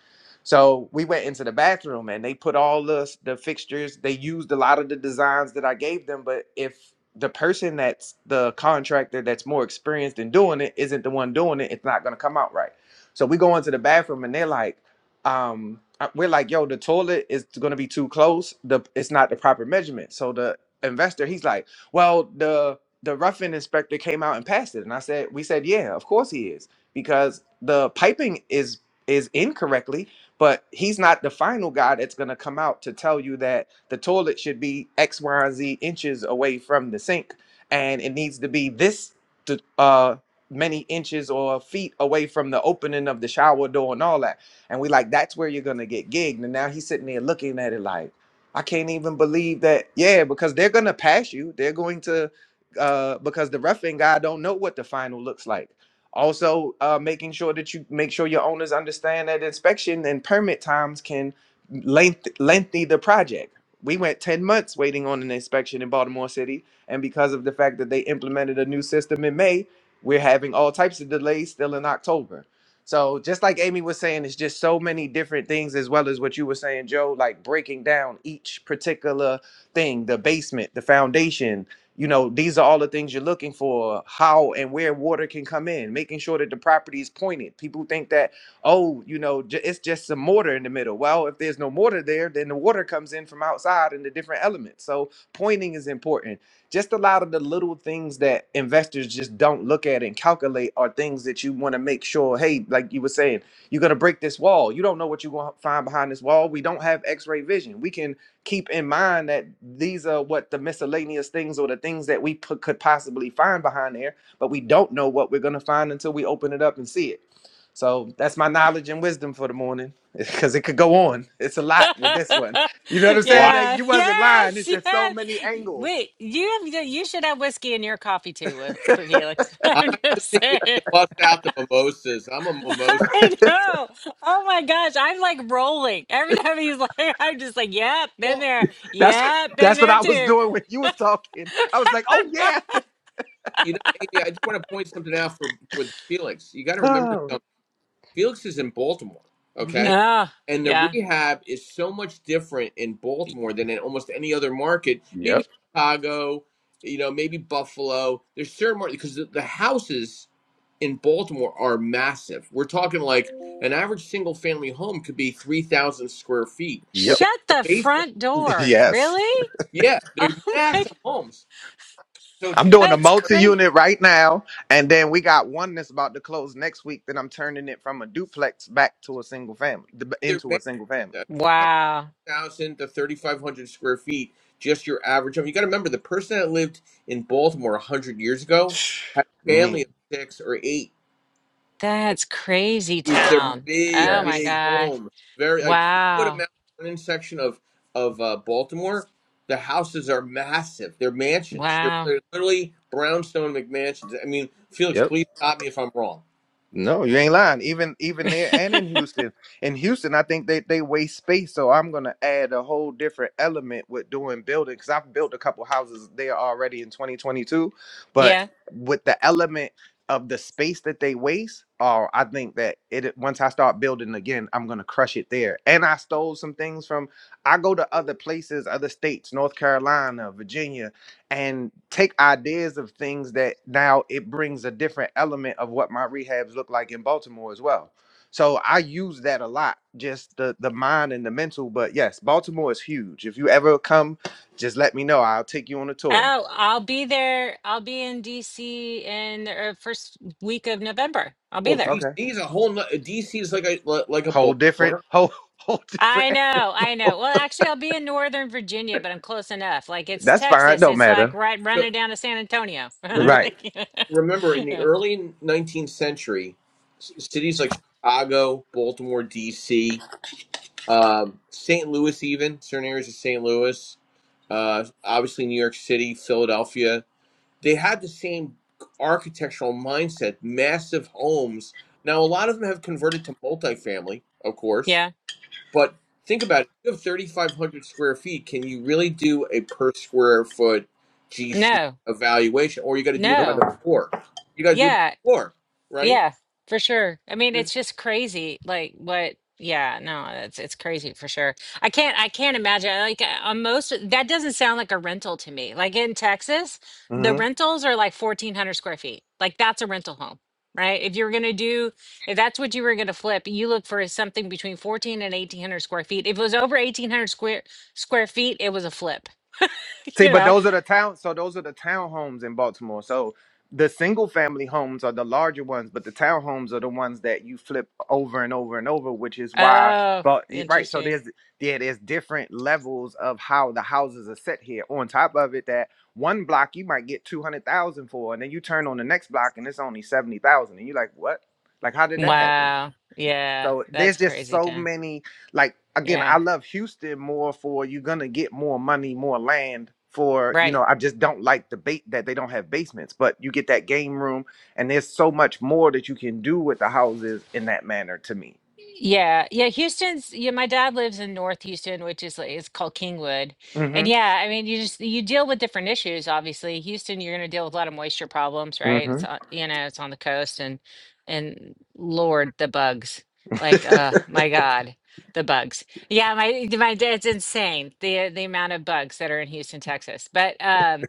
Speaker 3: So we went into the bathroom and they put all the, the fixtures. They used a lot of the designs that I gave them, but if the person that's the contractor that's more experienced in doing it isn't the one doing it, it's not going to come out right. So we go into the bathroom and they're like, um, uh, we're like, yo, the toilet is going to be too close. The it's not the proper measurement. So the investor, he's like, well, the the roughing inspector came out and passed it. And I said, we said, yeah, of course he is, because the piping is is incorrectly, but he's not the final guy that's gonna come out to tell you that the toilet should be X, Y, and Z inches away from the sink, and it needs to be this to, uh many inches or feet away from the opening of the shower door and all that. And we like, that's where you're gonna get gigged. And now he's sitting there looking at it like I can't even believe that. Yeah, because they're gonna pass you. They're going to uh because the refing guy don't know what the final looks like. Also, uh making sure that you make sure your owners understand that inspection and permit times can length lengthy the project. We went 10 months waiting on an inspection in Baltimore City, and because of the fact that they implemented a new system in May, we're having all types of delays still in October. So just like Amy was saying, it's just so many different things, as well as what you were saying, Joe, like breaking down each particular thing, the basement, the foundation. You know, these are all the things you're looking for, how and where water can come in, making sure that the property is pointed. People think that, oh, you know, j- it's just some mortar in the middle. Well, if there's no mortar there, then the water comes in from outside and the different elements. So pointing is important just a lot of the little things that investors just don't look at and calculate are things that you want to make sure hey like you were saying you're going to break this wall you don't know what you're going to find behind this wall we don't have x-ray vision we can keep in mind that these are what the miscellaneous things or the things that we put, could possibly find behind there but we don't know what we're going to find until we open it up and see it so that's my knowledge and wisdom for the morning because it could go on it's a lot with this one you know what i'm saying
Speaker 1: Wow.
Speaker 3: like,
Speaker 2: yeah.
Speaker 3: you wasn't lying
Speaker 2: Yes.
Speaker 3: it's just so
Speaker 2: Yes.
Speaker 3: many angles
Speaker 2: Wait. You have. You should have whiskey in your coffee too, with with Felix.
Speaker 1: I
Speaker 2: I'm just
Speaker 1: think we need
Speaker 2: saying.
Speaker 1: to bust out the mimosas. I'm a mimosa.
Speaker 2: I know. Oh my gosh. I'm like rolling every time he's like. I'm just like, yep, been
Speaker 1: Well,
Speaker 2: there.
Speaker 3: That's
Speaker 2: Yep, been
Speaker 3: that's what
Speaker 2: there
Speaker 3: I was
Speaker 2: too.
Speaker 3: doing when you was talking. I was like, oh yeah.
Speaker 1: you know, Amy, I just want to point something out for with Felix. You got to remember
Speaker 3: Oh.
Speaker 1: something. Felix is in Baltimore, okay?
Speaker 3: Mhm.
Speaker 2: Oh,
Speaker 1: and the
Speaker 2: yeah.
Speaker 1: rehab is so much different in Baltimore than in almost any other market. Maybe
Speaker 3: Yep.
Speaker 1: Chicago, you know, maybe Buffalo. There's certain markets because the, the houses in Baltimore are massive. We're talking like an average single family home could be three thousand square feet
Speaker 3: Yep.
Speaker 1: without
Speaker 2: Shut
Speaker 1: the
Speaker 2: the
Speaker 1: basement.
Speaker 2: front door.
Speaker 3: Yes.
Speaker 2: Really?
Speaker 1: Yeah, they're
Speaker 2: Oh my. God.
Speaker 1: massive homes. So it's
Speaker 3: I'm doing a
Speaker 2: That's
Speaker 1: hard.
Speaker 2: great.
Speaker 3: multi-unit right now, and then we got one that's about to close next week. Then I'm turning it from a duplex back to a single family,
Speaker 1: They're
Speaker 3: into a single family.
Speaker 1: massive.
Speaker 2: Wow.
Speaker 1: thousand to thirty five hundred square feet, just your average home. You got to remember the person that lived in Baltimore a hundred years ago had a family
Speaker 3: Me.
Speaker 1: of six or eight.
Speaker 2: That's crazy
Speaker 1: It, they're
Speaker 2: town.
Speaker 1: big,
Speaker 2: Oh my
Speaker 3: Yes.
Speaker 1: big
Speaker 2: gosh.
Speaker 1: homes. Very like if you go to
Speaker 2: Wow.
Speaker 1: Mount Vernon section of of uh, Baltimore, the houses are massive. They're mansions. They're,
Speaker 2: Wow.
Speaker 1: they're literally brownstone McMansions. I mean, Felix,
Speaker 3: Yep.
Speaker 1: please stop me if I'm wrong.
Speaker 3: No, you ain't lying. Even even there and in Houston. In Houston, I think they, they waste space. So I'm gonna add a whole different element with doing building because I've built a couple houses there already in 2022. But
Speaker 2: Yeah.
Speaker 3: with the element of the space that they waste, oh, I think that it once I start building again, I'm gonna crush it there. And I stole some things from I go to other places, other states, North Carolina, Virginia, and take ideas of things that now it brings a different element of what my rehabs look like in Baltimore as well. So I use that a lot, just the the mind and the mental. But yes, Baltimore is huge. If you ever come, just let me know. I'll take you on a tour.
Speaker 2: Oh, I'll be there. I'll be in DC in the uh, first week of November. I'll be
Speaker 1: Well,
Speaker 2: there.
Speaker 1: DC
Speaker 3: Okay.
Speaker 1: is a whole. no- DC is like a like a
Speaker 3: Whole different,
Speaker 1: Baltimore.
Speaker 3: whole whole
Speaker 2: I
Speaker 3: different.
Speaker 2: know. I know. Well, actually, I'll be in Northern Virginia, but I'm close enough. Like it's
Speaker 3: That's fine.
Speaker 2: Texas.
Speaker 3: Don't
Speaker 2: It's like
Speaker 3: matter.
Speaker 2: right
Speaker 1: So
Speaker 2: running down to San Antonio.
Speaker 1: remember.
Speaker 3: Right.
Speaker 2: Like,
Speaker 1: remember in the
Speaker 2: yeah.
Speaker 1: early 19th century c- cities like chicago baltimore dc um, st louis even certain areas of st louis uh, obviously new york city philadelphia they had the same architectural mindset massive homes now a lot of them have converted to multifamily of course
Speaker 2: Yeah.
Speaker 1: but think about it. You have 3,500 square feet. Can you really do a per square foot GC
Speaker 2: No.
Speaker 1: evaluation, or you got to do it by
Speaker 3: Nope.
Speaker 1: the
Speaker 2: No.
Speaker 1: floor? You got to do it by
Speaker 2: Yeah.
Speaker 1: the floor, right?
Speaker 2: Yeah, for sure. I mean,
Speaker 1: You
Speaker 2: it's just crazy. Like what? Yeah, no, it's it's crazy for sure. I can't I can't imagine. Like uh, on most that doesn't sound like a rental to me. Like in Texas, the rentals are like 1400 square feet. Like that's a rental home, right? If you're going to do if that's what you were going to flip, you look for something between 14 and 1800 square feet. If it was over 1800 square square feet, it was a flip,
Speaker 3: See,
Speaker 2: you
Speaker 3: but
Speaker 2: know?
Speaker 3: those are the town. So those are the townhomes in Baltimore. So the single family homes are the larger ones, but the townhomes are the ones that you flip over and over and over, which is why.
Speaker 2: Oh,
Speaker 3: But right, so
Speaker 2: interesting.
Speaker 3: there's yeah, there's different levels of how the houses are set here. On top of it, that one block you might get two hundred thousand for, and then you turn on the next block and it's only seventy thousand, and you're like, what? Like, how did that happen?
Speaker 2: Wow. Yeah,
Speaker 3: So
Speaker 2: that's
Speaker 3: there's just
Speaker 2: crazy,
Speaker 3: so
Speaker 2: Tim.
Speaker 3: many. Like again,
Speaker 2: Yeah.
Speaker 3: I love Houston more for you're gonna get more money, more land. For you
Speaker 2: Right.
Speaker 3: know, I just don't like the bait that they don't have basements, but you get that game room, and there's so much more that you can do with the houses in that manner. To me.
Speaker 2: Yeah. Yeah. Houston's, yeah, my dad lives in North Houston, which is like, it's called Kingwood. And
Speaker 3: Mm-hmm.
Speaker 2: yeah, I mean, you just, you deal with different issues, obviously. Houston, you're going to deal with a lot of moisture problems, right? It's,
Speaker 3: Mm-hmm.
Speaker 2: on, you know, it's on the coast and, and Lord, the bugs. Like, uh, my God, the bugs. Yeah. My, my dad's insane. The, the amount of bugs that are in Houston, Texas. But, um,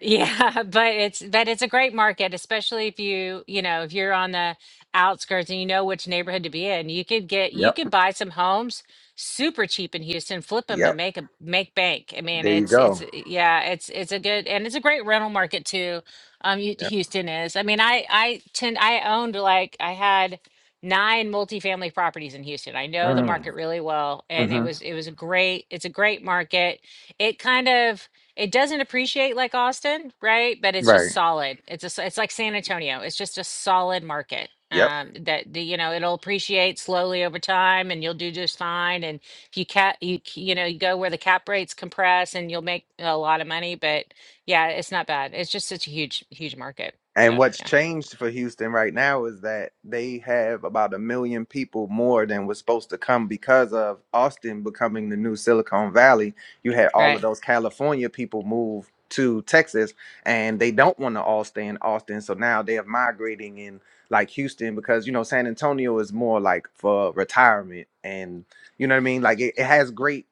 Speaker 2: yeah, but it's, but it's a great market, especially if you, you know, if you're on the, outskirts and you know which neighborhood to be in. You could get you
Speaker 3: yep.
Speaker 2: could buy some homes super cheap in Houston, flip them and
Speaker 3: Yep.
Speaker 2: make a make bank. I mean,
Speaker 3: There you
Speaker 2: it's it's
Speaker 3: go.
Speaker 2: uh, yeah, it's it's a good and it's a great rental market too. Um Hu-
Speaker 3: Yep.
Speaker 2: Houston is. I mean, I I tend I owned like I had nine multifamily properties in Houston. I know the
Speaker 3: Mm.
Speaker 2: market really well and it
Speaker 3: hmm
Speaker 2: was it was a great it's a great market. It kind of it doesn't appreciate like Austin, right? But it's just
Speaker 3: Right.
Speaker 2: solid. It's a. it's like San Antonio. It's just a solid market.
Speaker 3: Yep.
Speaker 2: Um, that the, you know, it'll appreciate slowly over time, and you'll do just fine. And if you cap, you you know, you go where the cap rates compress, and you'll make a lot of money. But yeah, it's not bad. It's just such a huge, huge market.
Speaker 3: And
Speaker 2: So
Speaker 3: what's
Speaker 2: yeah,
Speaker 3: changed for Houston right now is that they have about a million people more than was supposed to come because of Austin becoming the new Silicon Valley. You had all of
Speaker 2: right.
Speaker 3: those California people move to Texas and they don't want to all stay in Austin. So now they are migrating in like Houston because, you know, San Antonio is more like for retirement. And you know what I mean? Like it, it has great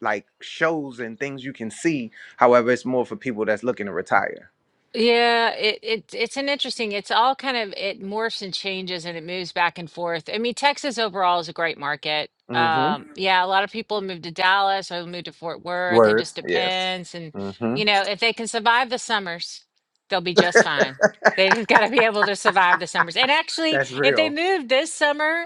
Speaker 3: like shows and things you can see. However, it's more for people that's looking to retire.
Speaker 2: Yeah, it, it it's an interesting, it's all kind of it morphs and changes and it moves back and forth. I mean, Texas overall is a great market. Um, yeah, a lot of people move to Dallas or move to Fort Worth. It
Speaker 3: Word.
Speaker 2: just
Speaker 3: Yes.
Speaker 2: depends. And
Speaker 3: Mm-hmm.
Speaker 2: you know, if they can survive the summers, they'll be just fine. They just gotta be able to survive the summers. And actually,
Speaker 3: That's
Speaker 2: if they
Speaker 3: real.
Speaker 2: moved this summer,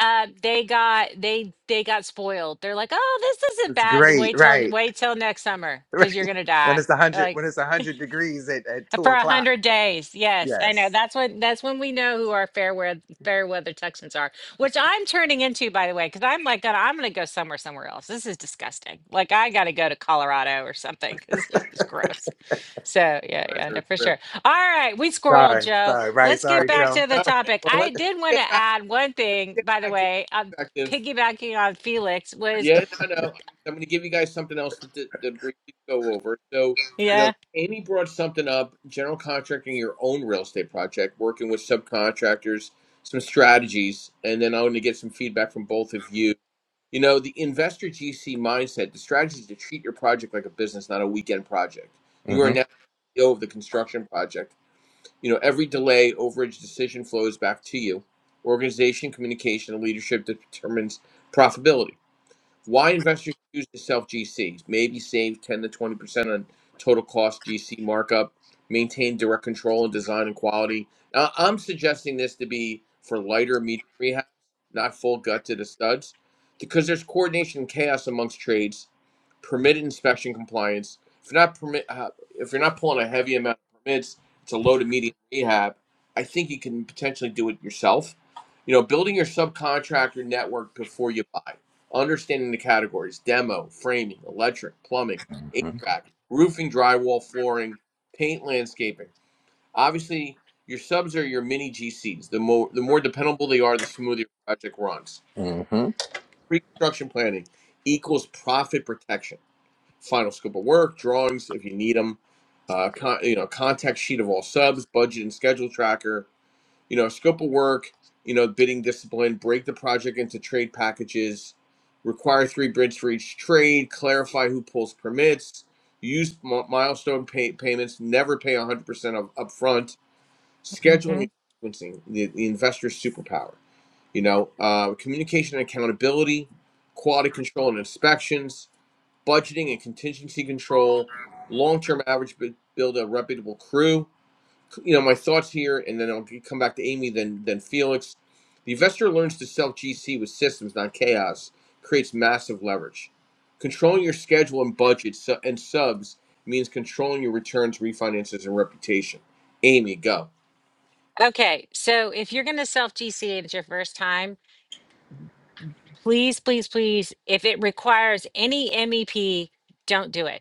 Speaker 2: uh, they got they they got spoiled. They're like, oh, this isn't
Speaker 3: It's
Speaker 2: bad.
Speaker 3: great.
Speaker 2: Wait till
Speaker 3: Right.
Speaker 2: wait till next summer because you're
Speaker 3: Right.
Speaker 2: gonna
Speaker 3: When
Speaker 2: die.
Speaker 3: it's a hundred when it's a hundred degrees at, at two
Speaker 2: For a
Speaker 3: o'clock.
Speaker 2: hundred days, yes, I know.
Speaker 3: Yes.
Speaker 2: That's when that's when we know who our fair weather fair weather Texans are, which I'm turning into, by the way, because I'm like, God, I'm going to go somewhere somewhere else. This is disgusting. Like, I got to go to Colorado or something because this is gross. So yeah,
Speaker 1: guys
Speaker 2: yeah,
Speaker 1: are
Speaker 2: no,
Speaker 1: a
Speaker 2: for
Speaker 1: trip.
Speaker 2: sure. All right, we squirreled,
Speaker 3: Sorry.
Speaker 2: Joe.
Speaker 3: Sorry. Right.
Speaker 2: Let's
Speaker 1: All
Speaker 2: get
Speaker 3: Sorry,
Speaker 1: right.
Speaker 2: back
Speaker 3: Joe.
Speaker 2: to the
Speaker 1: All right.
Speaker 2: topic.
Speaker 1: Well,
Speaker 2: I
Speaker 1: let's
Speaker 2: did want
Speaker 1: get
Speaker 2: to
Speaker 1: back.
Speaker 2: add one
Speaker 1: Let's
Speaker 2: thing,
Speaker 1: get
Speaker 2: by
Speaker 1: back
Speaker 2: the
Speaker 1: into
Speaker 2: way. I'm
Speaker 1: perspective.
Speaker 2: piggybacking on Felix was
Speaker 1: Yeah, no, no. I'm going to give you guys something else to, to, to briefly go over. So, you know,
Speaker 2: yeah.
Speaker 1: Amy brought something up, general contracting your own real estate project, working with subcontractors, some strategies, and then I'm going to get some feedback from both of you. You know, the investor GC mindset, the strategy is to treat your project like a business, not a weekend project. You are now
Speaker 3: Mm-hmm.
Speaker 1: CEO of the construction project. You know, every delay, overage, decision flows back to you. Organization, communication, and leadership determines profitability why investors choose to sell GCs? Maybe save 10 to 20% on total cost GC markup, maintain direct control and design and quality. Now, I'm suggesting this to be for lighter medium rehabs, not full gut to the studs, because there's coordination and chaos amongst trades, permitted inspection compliance. If you're not permit, uh, if you're not pulling a heavy amount of permits, it's a low to medium rehab. I think you can potentially do it yourself. You know, building your subcontractor network before you buy Understanding the categories demo, framing, electric, plumbing,
Speaker 3: Mm-hmm.
Speaker 1: HVAC, roofing, drywall, flooring, paint, landscaping. Obviously, your subs are your mini GCs. The more, the more dependable they are, the smoother your project runs.
Speaker 3: Mm-hmm.
Speaker 1: Pre construction planning equals profit protection. Final scope of work, drawings if you need them, uh, con- you know, contact sheet of all subs, budget and schedule tracker, you know, scope of work, you know, bidding discipline, break the project into trade packages, require three bids for each trade, clarify who pulls permits, use milestone pay- payments, never pay 100% of upfront,
Speaker 2: hmm
Speaker 1: scheduling and sequencing, the, the investor's superpower, you know, uh, communication and accountability, quality control and inspections, budgeting and contingency control, long-term average build a reputable crew, you know my thoughts here, and then I'll come back to Amy, then then Felix. The investor learns to sell GC with systems, not chaos, creates massive leverage. Controlling your schedule and budget su- and subs means controlling your returns, refinances, and reputation. Amy, go.
Speaker 2: Okay, so if you're going to self GCA it's your first time. Please, please, please, if it requires any MEP, don't do it.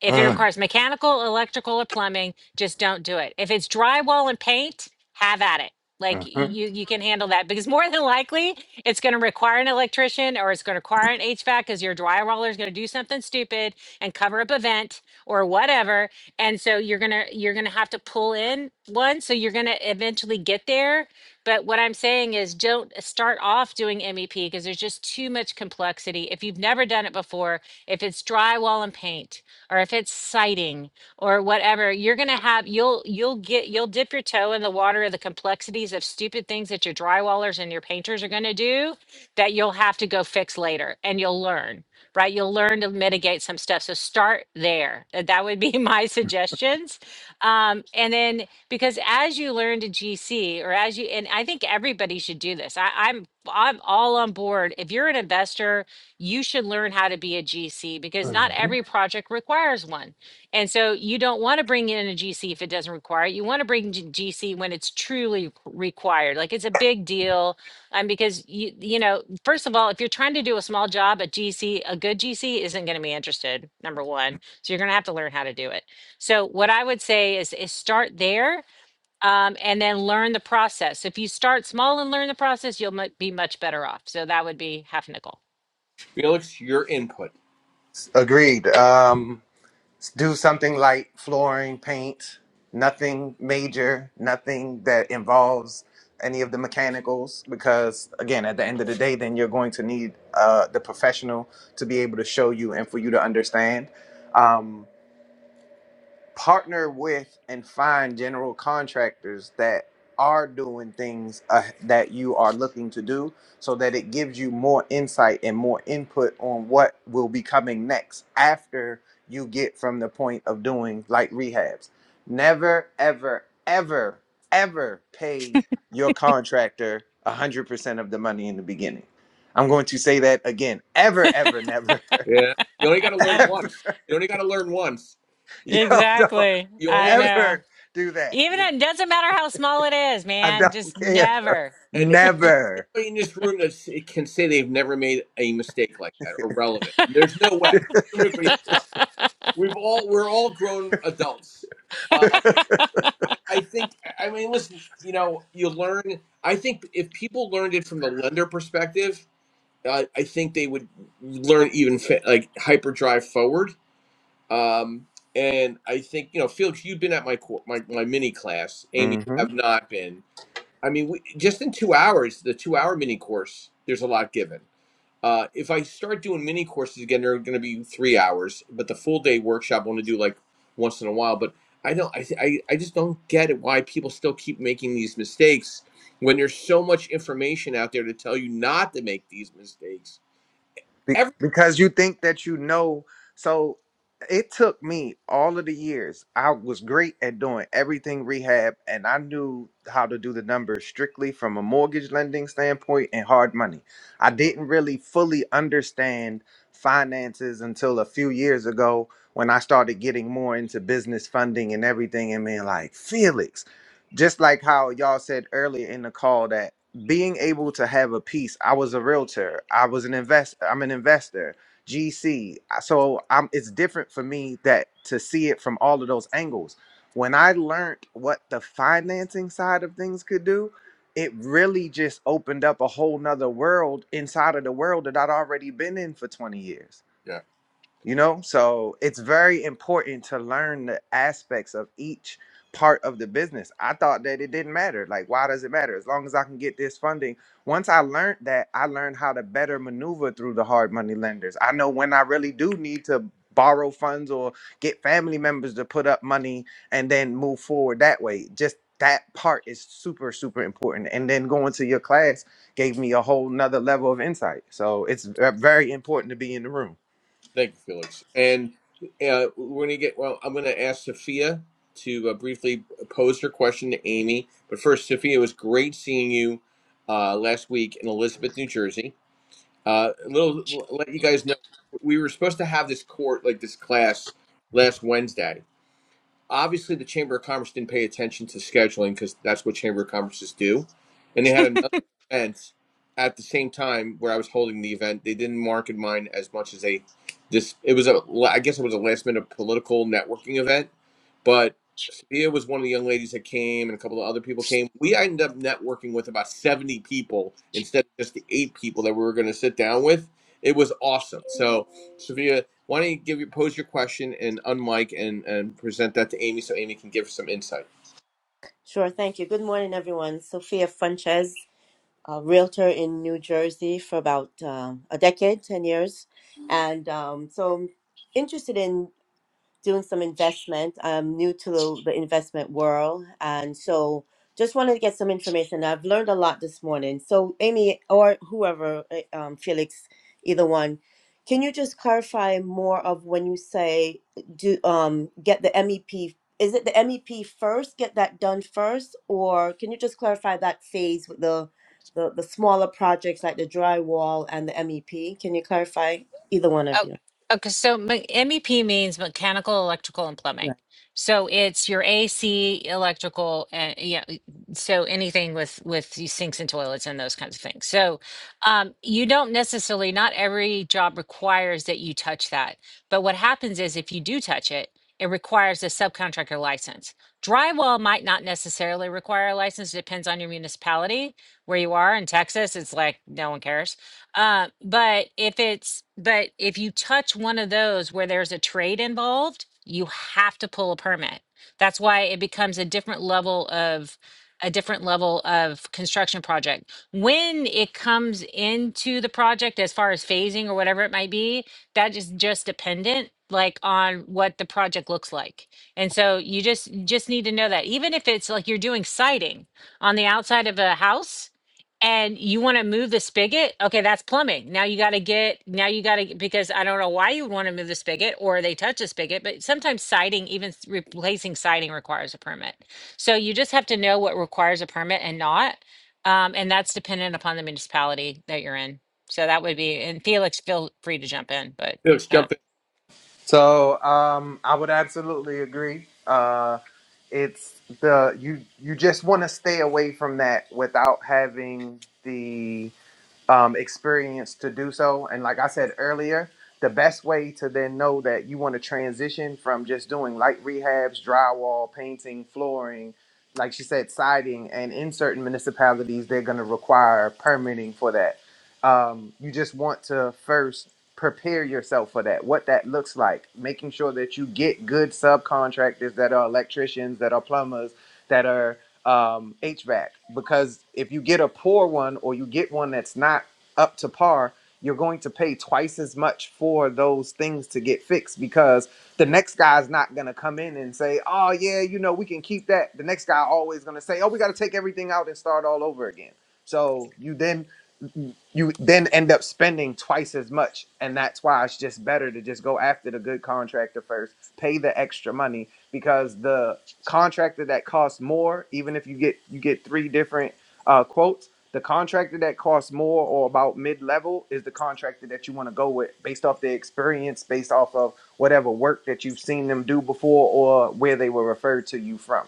Speaker 2: If it requires mechanical, electrical, or plumbing, just don't do it. If it's drywall and paint, have at it. Like y-
Speaker 3: Mm-hmm.
Speaker 2: you, you can handle that because more than likely it's going to require an electrician or it's going to require an HVAC because your drywaller is going to do something stupid and cover up a vent or whatever. And so you're gonna you're gonna have to pull in one. So you're gonna eventually get there. But what I'm saying is don't start off doing MEP because there's just too much complexity. If you've never done it before, if it's drywall and paint, or if it's sighting or whatever, you're going to have you'll you'll get you'll dip your toe in the water of the complexities of stupid things that your drywallers and your painters are going to do that you'll have to go fix later and you'll learn, right? You'll learn to mitigate some stuff. So start there. Uh, That would be my suggestions. Um, and then because as you learn to GC or as you and I think everybody should do this. I, I'm I'm all on board. If you're an investor you should learn how to be a GC because not
Speaker 3: Mm-hmm.
Speaker 2: every project requires one. And so you don't want to bring in a GC if it doesn't require it. You want to bring G- GC when it's truly required. Like it's a big deal. Um, because you, you know, first of all, if you're trying to do a small job, a GC, a good GC isn't going to be interested, number one. So you're going to have to learn how to do it. So what I would say is, is start there um, and then learn the process. If you start small and learn the process, you'll mu- be much better off. So that would be half nickel.
Speaker 1: Felix, your input.
Speaker 3: Agreed. Um do something like flooring, paint, nothing major, nothing that involves any of the mechanicals, because again, at the end of the day, then you're going to need uh, the professional to be able to show you and for you to understand. Um, partner with and find general contractors that are doing things uh, that you are looking to do so that it gives you more insight and more input on what will be coming next after you get from the point of doing like rehabs never ever ever ever pay your contractor 100% of the money in the beginning i'm going to say that again ever ever never
Speaker 1: Yeah, you only got to
Speaker 2: Uh,
Speaker 1: learn
Speaker 3: ever
Speaker 1: once. You only got to learn once.
Speaker 3: you
Speaker 1: You
Speaker 3: don't
Speaker 2: Exactly.
Speaker 1: you only
Speaker 2: I
Speaker 1: do.
Speaker 2: know.
Speaker 3: ever do that
Speaker 2: Even it doesn't matter how small it is,
Speaker 3: I
Speaker 2: man. Just
Speaker 3: don't care.
Speaker 2: never.
Speaker 1: And if
Speaker 3: Never.
Speaker 1: anybody in this room that s- can say they've never made a mistake like that or relevant, there's no way. we've all we're all grown adults. Uh, I, I think. I mean, listen. You know, you learn. I think if people learned it from the lender perspective, uh, I think they would learn even fa- like hyperdrive forward. Um, and I think you know, Felix, you've been at my cour my my mini class. Amy, you
Speaker 3: hmm
Speaker 1: have not been. I mean, we, just in two hours, the two hour mini course, there's a lot given. Uh, if I start doing mini courses again, they're going to be three hours, but the full day workshop I want to do like once in a while. But I don't, I, I, I just don't get it why people still keep making these mistakes when there's so much information out there to tell you not to make these mistakes.
Speaker 3: Be-
Speaker 1: Every
Speaker 3: because you think that you know. So it took me all of the years. I was great at doing everything rehab, and I knew how to do the numbers strictly from a mortgage lending standpoint and hard money. I didn't really fully understand finances until a few years ago when I started getting more into business funding and everything and being like, Felix, just like how y'all said earlier in the call that being able to have a piece i was a realtor i was an investor i'm an investor gc so i'm it's different for me that to see it from all of those angles when i learned what the financing side of things could do it really just opened up a whole nother world inside of the world that i'd already been in for 20 years
Speaker 1: yeah,
Speaker 3: you know so it's very important to learn the aspects of each part of the business i thought that it didn't matter like why does it matter as long as i can get this funding once i learned that i learned how to better maneuver through the hard money lenders i know when i really do need to borrow funds or get family members to put up money and then move forward that way just that part is super super important and then going to your class gave me a whole nother level of insight so it's uh, very important to be in the room
Speaker 1: thank you, Felix. And uh, we're going to get well. I'm going to ask Sophia to uh, briefly pose her question to Amy, but first, Sophia, it was great seeing you uh, last week in Elizabeth, New Jersey. Uh, a little let you guys know we were supposed to have this court like this class last Wednesday. Obviously, the Chamber of Commerce didn't pay attention to scheduling because that's what Chamber of Commerces do. And they had another event at the same time where I was holding the event. They didn't market mine as much as they just. It was a. I guess it was a last minute political networking event, but Sophia was one of the young ladies that came, and a couple of other people came. We ended up networking with about seventy people instead of just the eight people that we were going to sit down with. It was awesome. So. Sophia. Why don't you give your pose your question and unmic and and present that to Amy so Amy can give some insight.
Speaker 4: Sure, thank you. Good morning, everyone. Sophia Fuentes, a realtor in New Jersey for about um a decade, 10 years. And um, so I'm interested in doing some investment. I'm new to the, the investment world, and so just wanted to get some information. I've learned a lot this morning. So, Amy or whoever, eh, um, Felix, either one, can you just clarify more of when you say do um, get the MEP? Is it the MEP first? Get that done first, or can you just clarify that phase with the the, the smaller projects like the drywall and the MEP? Can you clarify either one of
Speaker 2: Oh,
Speaker 4: you?
Speaker 2: okay. So me- MEP means mechanical, electrical, and
Speaker 4: Yeah.
Speaker 2: plumbing. So it's your AC, electrical, and yeah. y- So anything with with these sinks and toilets and those kinds of things. So um, you don't necessarily. Not every job requires that you touch that. But what happens is if you do touch it, it requires a subcontractor license. Drywall might not necessarily require a license. Depends on your municipality where you are. In Texas, it's like no one cares uh, but if it's but if you touch one of those where there's a trade involved, you have to pull a permit. That's why it becomes a different level of a different level of construction project. When it comes into the project as far as phasing or whatever it might be, that is just dependent like on what the project looks like. And so you just just need to know that even if it's like you're doing siding on the outside of a house, and you want to move the spigot okay that's plumbing now you got to get now you got to because i don't know why you would want to move the spigot or they touch the spigot but sometimes siding even s- replacing siding requires a permit so you just have to know what requires a permit and not um, and that's dependent upon the municipality that you're in so that would be and felix feel free to jump in but
Speaker 1: Yeah, Let's
Speaker 2: um,
Speaker 1: jump in.
Speaker 3: So um, I would absolutely agree. Uh, it's the you you just want to stay away from that without having the um, experience to do so. And like I said earlier, the best way to then know that you want to transition from just doing light rehabs, drywall, painting, flooring, like she said, siding, and in certain municipalities, they're going to require permitting for that. Um, you just want to first prepare yourself for that, what that looks like, making sure that you get good subcontractors that are electricians, that are plumbers, that are um, HVAC because if you get a poor one or you get one that's not up to par, you're going to pay twice as much for those things to get fixed because the next guy's not going to come in and say, "Oh yeah, you know, we can keep that." The next guy always going to say, "Oh, we got to take everything out and start all over again." So you then you then end up spending twice as much and that's why it's just better to just go after the good contractor first pay the extra money because the contractor that costs more, even if you get you get three different uh, quotes, the contractor that costs more or about mid level is the contractor that you want to go with based off their experience, based off of whatever work that you've seen them do before or where they were referred to you from.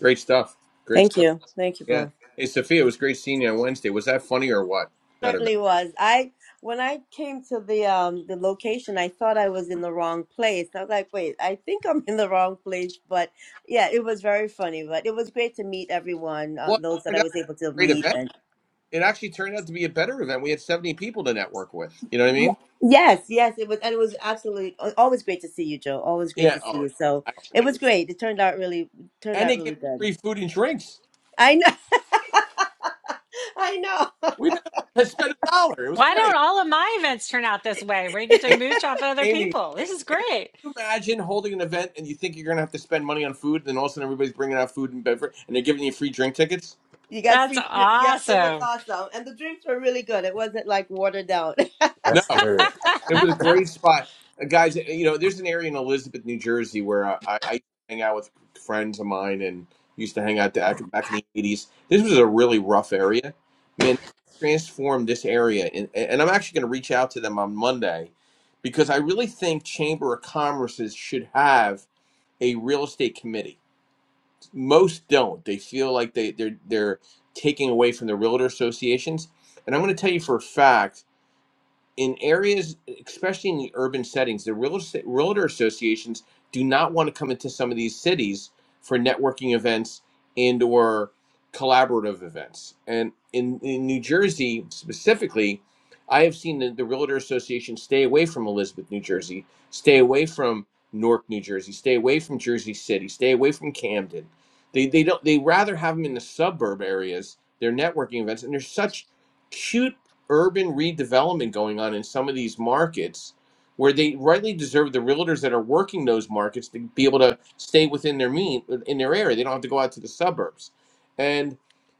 Speaker 1: Great stuff. Great
Speaker 4: Thank
Speaker 1: stuff.
Speaker 4: you. Thank you
Speaker 1: Yeah.
Speaker 4: both.
Speaker 1: Hey Sophia, it was great seeing you on Wednesday. Was that funny or what? That event.
Speaker 4: certainly was. I when I came to the um the location, I thought I was in the wrong place. I was like, wait, I think I'm in the wrong place. But yeah, it was very funny. But it was great to meet everyone, uh,
Speaker 1: Well, it
Speaker 4: those that
Speaker 1: turned
Speaker 4: I
Speaker 1: out to
Speaker 4: was able to
Speaker 1: be a great
Speaker 4: meet.
Speaker 1: event.
Speaker 4: And
Speaker 1: It actually turned out to be a better event. We had seventy people to network with. You know what I
Speaker 4: Yeah.
Speaker 1: mean?
Speaker 4: yes, yes, it was, and it was absolutely al- always great to see you, Joe. Always great
Speaker 1: Yeah.
Speaker 4: to see
Speaker 1: Oh,
Speaker 4: you. So
Speaker 1: I,
Speaker 4: it was great. It turned out really turned
Speaker 1: and
Speaker 4: out
Speaker 1: they gave us
Speaker 4: really good.
Speaker 1: free food and drinks.
Speaker 4: I know, I know.
Speaker 1: We didn't have to spend a dollar. It was
Speaker 2: why don't
Speaker 1: great.
Speaker 2: all of my events turn out this way where you get to
Speaker 1: Amy
Speaker 2: mooch off other
Speaker 1: Amy,
Speaker 2: people
Speaker 1: A-
Speaker 2: this is
Speaker 1: Amy, can
Speaker 2: great
Speaker 1: you imagine holding an event and you think you're going to have to spend money on food, and then all of a sudden everybody's bringing out food and beverage, and they're giving you free drink tickets?
Speaker 4: You got
Speaker 2: that's
Speaker 4: free. Yeah, it was
Speaker 2: awesome
Speaker 4: awesome, and the drinks were really good. It wasn't like watered down.
Speaker 1: No,
Speaker 3: That's good.
Speaker 1: it was a great spot, Uh, guys. uh, You know, there's an area in Elizabeth, New Jersey, where I, I I hang out with friends of mine and used to hang out back back in the '80s. This was a really rough area, man. Transformed this area, and, and I'm actually going to reach out to them on Monday because I really think Chamber of Commerce's should have a real estate committee most don't. They feel like they they're they're taking away from the realtor associations. And I'm going to tell you for a fact in areas, especially in the urban settings, the real estate, realtor associations do not want to come into some of these cities for networking events and or collaborative events. And in, in New Jersey specifically, I have seen the, the realtor association stay away from Elizabeth, New Jersey, stay away from Newark, New Jersey, stay away from Jersey City, stay away from Camden. They, they don't they rather have them in the suburb areas, their networking events, and they're such cute urban redevelopment going on in some of these markets where they rightly deserve the realtors that are working those markets to be able to stay within their mean in their area. They don't have to go out to the suburbs. And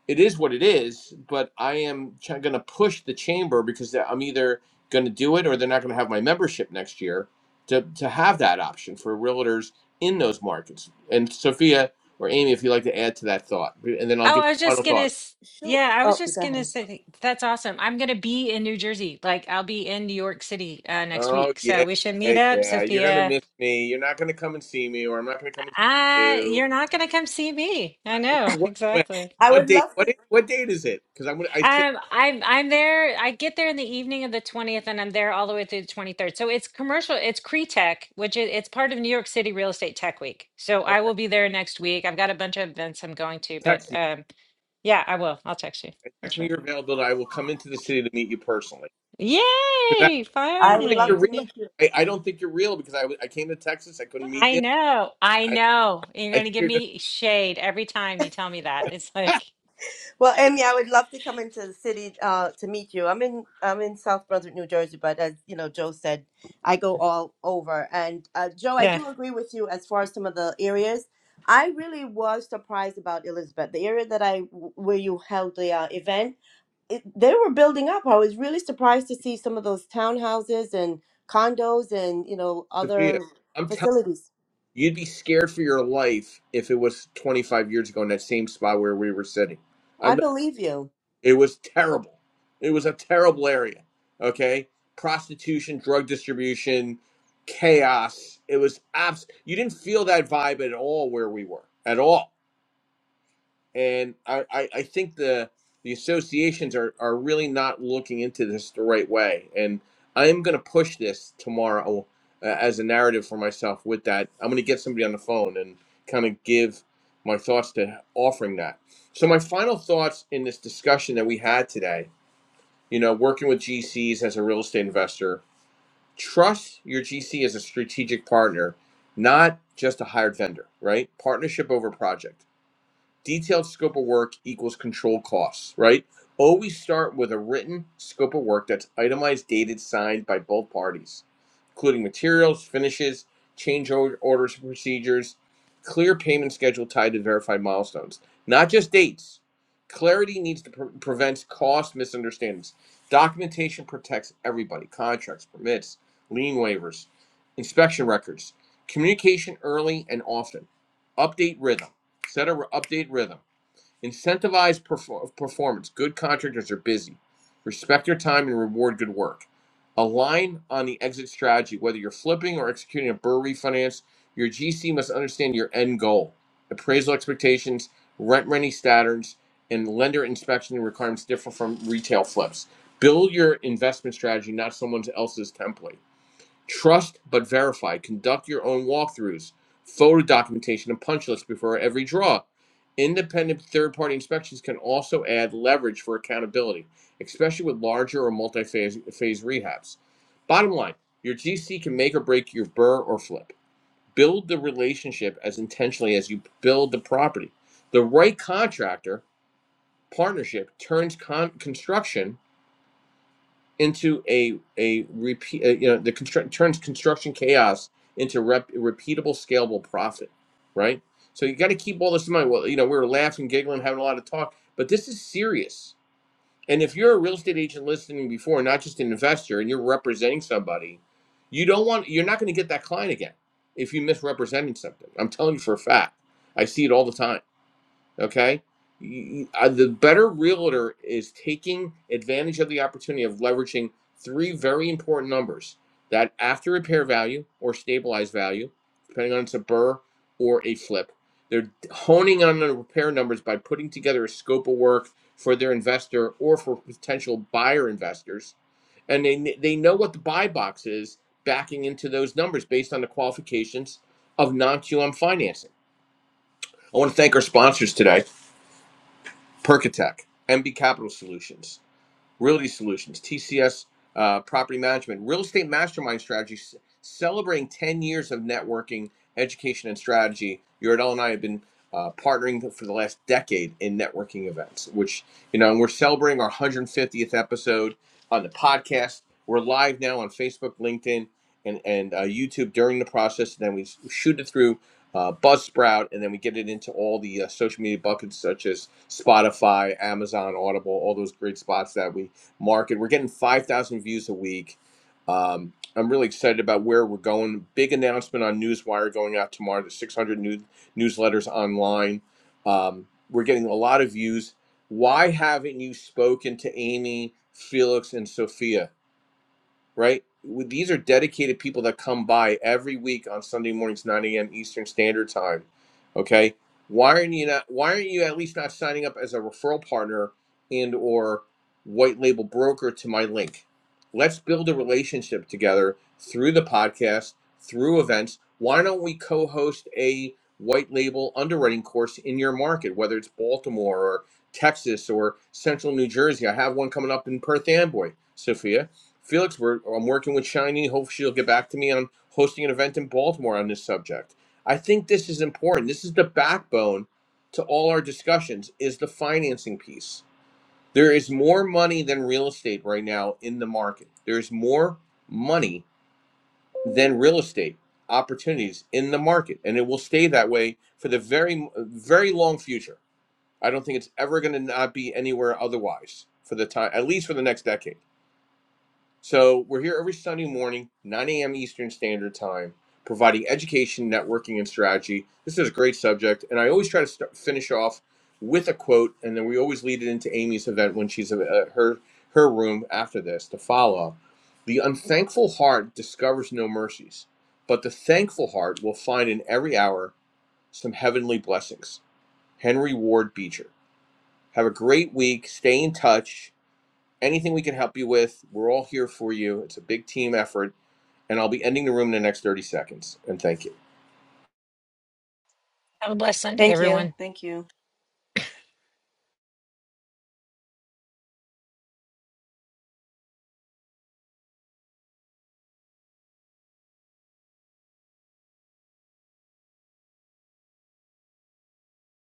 Speaker 1: it is what it is, but I am ch- going to push the chamber because I'm either going to do it or they're not going to have my membership next year to, to have that option for realtors in those markets. And Sophia or Amy, if you'd like to add to that thought, and then I'll
Speaker 2: Oh,
Speaker 1: give
Speaker 2: I was
Speaker 1: final
Speaker 2: just gonna,
Speaker 1: thoughts.
Speaker 2: s-
Speaker 4: Sure.
Speaker 2: yeah, I was
Speaker 4: Oh,
Speaker 2: just
Speaker 4: go
Speaker 2: gonna
Speaker 4: ahead.
Speaker 2: say that's awesome. I'm gonna be in New Jersey. Like I'll be in New York City uh, next
Speaker 1: Oh
Speaker 2: week, so
Speaker 1: yeah,
Speaker 2: we should meet
Speaker 1: yeah,
Speaker 2: up,
Speaker 1: yeah. You're gonna
Speaker 2: Sophia.
Speaker 1: miss me. You're not gonna come and see me, or I'm not gonna come and see
Speaker 2: Uh,
Speaker 1: you.
Speaker 2: you're not gonna come see me. I
Speaker 1: Uh,
Speaker 2: know
Speaker 1: What? When?
Speaker 2: exactly.
Speaker 4: I
Speaker 1: What
Speaker 4: would
Speaker 1: date?
Speaker 4: love to.
Speaker 1: What? i- What date is it? Because I'm gonna. I say.
Speaker 2: Um, I'm I'm there. I get there in the evening of the 20th, and I'm there all the way through the 23rd. So it's commercial. It's Cree Tech, which is it's part of New York City Real Estate Tech Week. So I
Speaker 1: Okay.
Speaker 2: will be there next week. I've got a bunch of events I'm going to, but
Speaker 1: Text me.
Speaker 2: um, yeah, I will. I'll text you for
Speaker 1: Text
Speaker 2: sure.
Speaker 1: me your availability. I will come into the city to meet you personally. Because I don't
Speaker 2: Yay!
Speaker 4: I would
Speaker 1: think
Speaker 4: love
Speaker 1: you're
Speaker 2: Finally.
Speaker 4: to
Speaker 2: Yeah.
Speaker 1: real.
Speaker 4: meet
Speaker 1: I, I
Speaker 4: you.
Speaker 1: don't think you're real because I, w- I came to Texas. I couldn't meet
Speaker 2: I
Speaker 1: you.
Speaker 2: know. I
Speaker 1: I,
Speaker 2: know. You're
Speaker 1: I
Speaker 2: going
Speaker 1: think
Speaker 2: to give
Speaker 1: you're just
Speaker 2: me shade every time you tell me that. It's like,
Speaker 4: Well, Amy, I would love to come into the city uh, to meet you. I'm in I'm in South Brunswick, New Jersey, but as you know, Joe said, I go all over. And uh, Joe, I
Speaker 2: yeah.
Speaker 4: do agree with you as far as some of the areas. I really was surprised about Elizabeth, the area that I where you held the uh, event. It, they were building up. I was really surprised to see some of those townhouses and condos and you know
Speaker 1: Sophia.
Speaker 4: other
Speaker 1: I'm telling
Speaker 4: facilities.
Speaker 1: you, you'd be scared for your life if it was 25 years ago in that same spot where we were sitting.
Speaker 4: I believe you.
Speaker 1: It was terrible. It was a terrible area. Okay, prostitution, drug distribution, chaos. It was abs. You didn't feel that vibe at all where we were at all. And I, I, I think the the associations are are really not looking into this the right way. And I am going to push this tomorrow uh, as a narrative for myself. With that, I'm going to get somebody on the phone and kind of give my thoughts to offering that. So my final thoughts in this discussion that we had today you know, working with GCs as a real estate investor, trust your GC as a strategic partner, not just a hired vendor, right? Partnership over project detailed scope of work equals control costs, right? Always start with a written scope of work that's itemized, dated, signed by both parties, including materials, finishes, change or- orders, procedures, clear payment schedule tied to verified milestones, not just dates. Clarity needs to pre- prevent cost misunderstandings. Documentation protects everybody contracts, permits, lien waivers, inspection records. Communication early and often. Update rhythm Set a update rhythm. Incentivize perfor- performance. Good contractors are busy. Respect their time and reward good work. Align on the exit strategy. Whether you're flipping or executing a burr refinance, your GC must understand your end goal, appraisal expectations, rent ready standards, and lender inspection requirements differ from retail flips. Build your investment strategy, not someone else's template. Trust but verify. Conduct your own walkthroughs, photo documentation, and punch lists before every draw. Independent third party inspections can also add leverage for accountability, especially with larger or multi phase rehabs. Bottom line your GC can make or break your burr or flip. Build the relationship as intentionally as you build the property. The right contractor partnership turns con- construction into a a repeat uh, you know the construct turns construction chaos into rep, repeatable scalable profit right so you got to keep all this in mind well you know we were laughing giggling having a lot of talk but this is serious and if you're a real estate agent listening before not just an investor and you're representing somebody you don't want you're not going to get that client again if you misrepresenting something i'm telling you for a fact i see it all the time Okay. You- uh, the better realtor is taking advantage of the opportunity of leveraging three very important numbers that after repair value or stabilized value, depending on it's a burr or a flip, they're honing on the repair numbers by putting together a scope of work for their investor or for potential buyer investors. And they, they know what the buy box is backing into those numbers based on the qualifications of non QM financing. I want to thank our sponsors today. Percatech, MB Capital Solutions. Realty Solutions, TCS uh, Property Management, Real Estate Mastermind Strategy, celebrating 10 years of networking, education, and strategy. Uradell and I have been uh, partnering for the last decade in networking events, which, you know, and we're celebrating our 150th episode on the podcast. We're live now on Facebook, LinkedIn, and, and uh, YouTube during the process. And then we shoot it through uh, Buzzsprout, and then we get it into all the uh, social media buckets such as Spotify, Amazon, Audible, all those great spots that we market. We're getting 5,000 views a week. Um, I'm really excited about where we're going. Big announcement on Newswire going out tomorrow. There's 600 new newsletters online. Um, we're getting a lot of views. Why haven't you spoken to Amy, Felix, and Sophia? right? These are dedicated people that come by every week on Sunday mornings, 9 a.m. Eastern Standard Time. Okay, why aren't you not? Why aren't you at least not signing up as a referral partner and or white label broker to my link? Let's build a relationship together through the podcast, through events. Why don't we co-host a white label underwriting course in your market, whether it's Baltimore or Texas or Central New Jersey? I have one coming up in Perth Amboy, Sophia Felix, we're, I'm working with Shiny. Hopefully, she'll get back to me on hosting an event in Baltimore on this subject. I think this is important. This is the backbone to all our discussions is the financing piece. There is more money than real estate right now in the market. There is more money than real estate opportunities in the market, and it will stay that way for the very, very long future. I don't think it's ever going to not be anywhere otherwise for the time, at least for the next decade. So we're here every Sunday morning, 9 a.m. Eastern Standard Time, providing education, networking, and strategy. This is a great subject, and I always try to start, finish off with a quote, and then we always lead it into Amy's event when she's at uh, her her room after this to follow. The unthankful heart discovers no mercies, but the thankful heart will find in every hour some heavenly blessings. Henry Ward Beecher. Have a great week. Stay in touch anything we can help you with, we're all here for you. It's a big team effort. And I'll be ending the room in the next 30 seconds. And thank you.
Speaker 2: Have a blessed Sunday,
Speaker 4: Thank
Speaker 2: everyone.
Speaker 4: you. Thank you.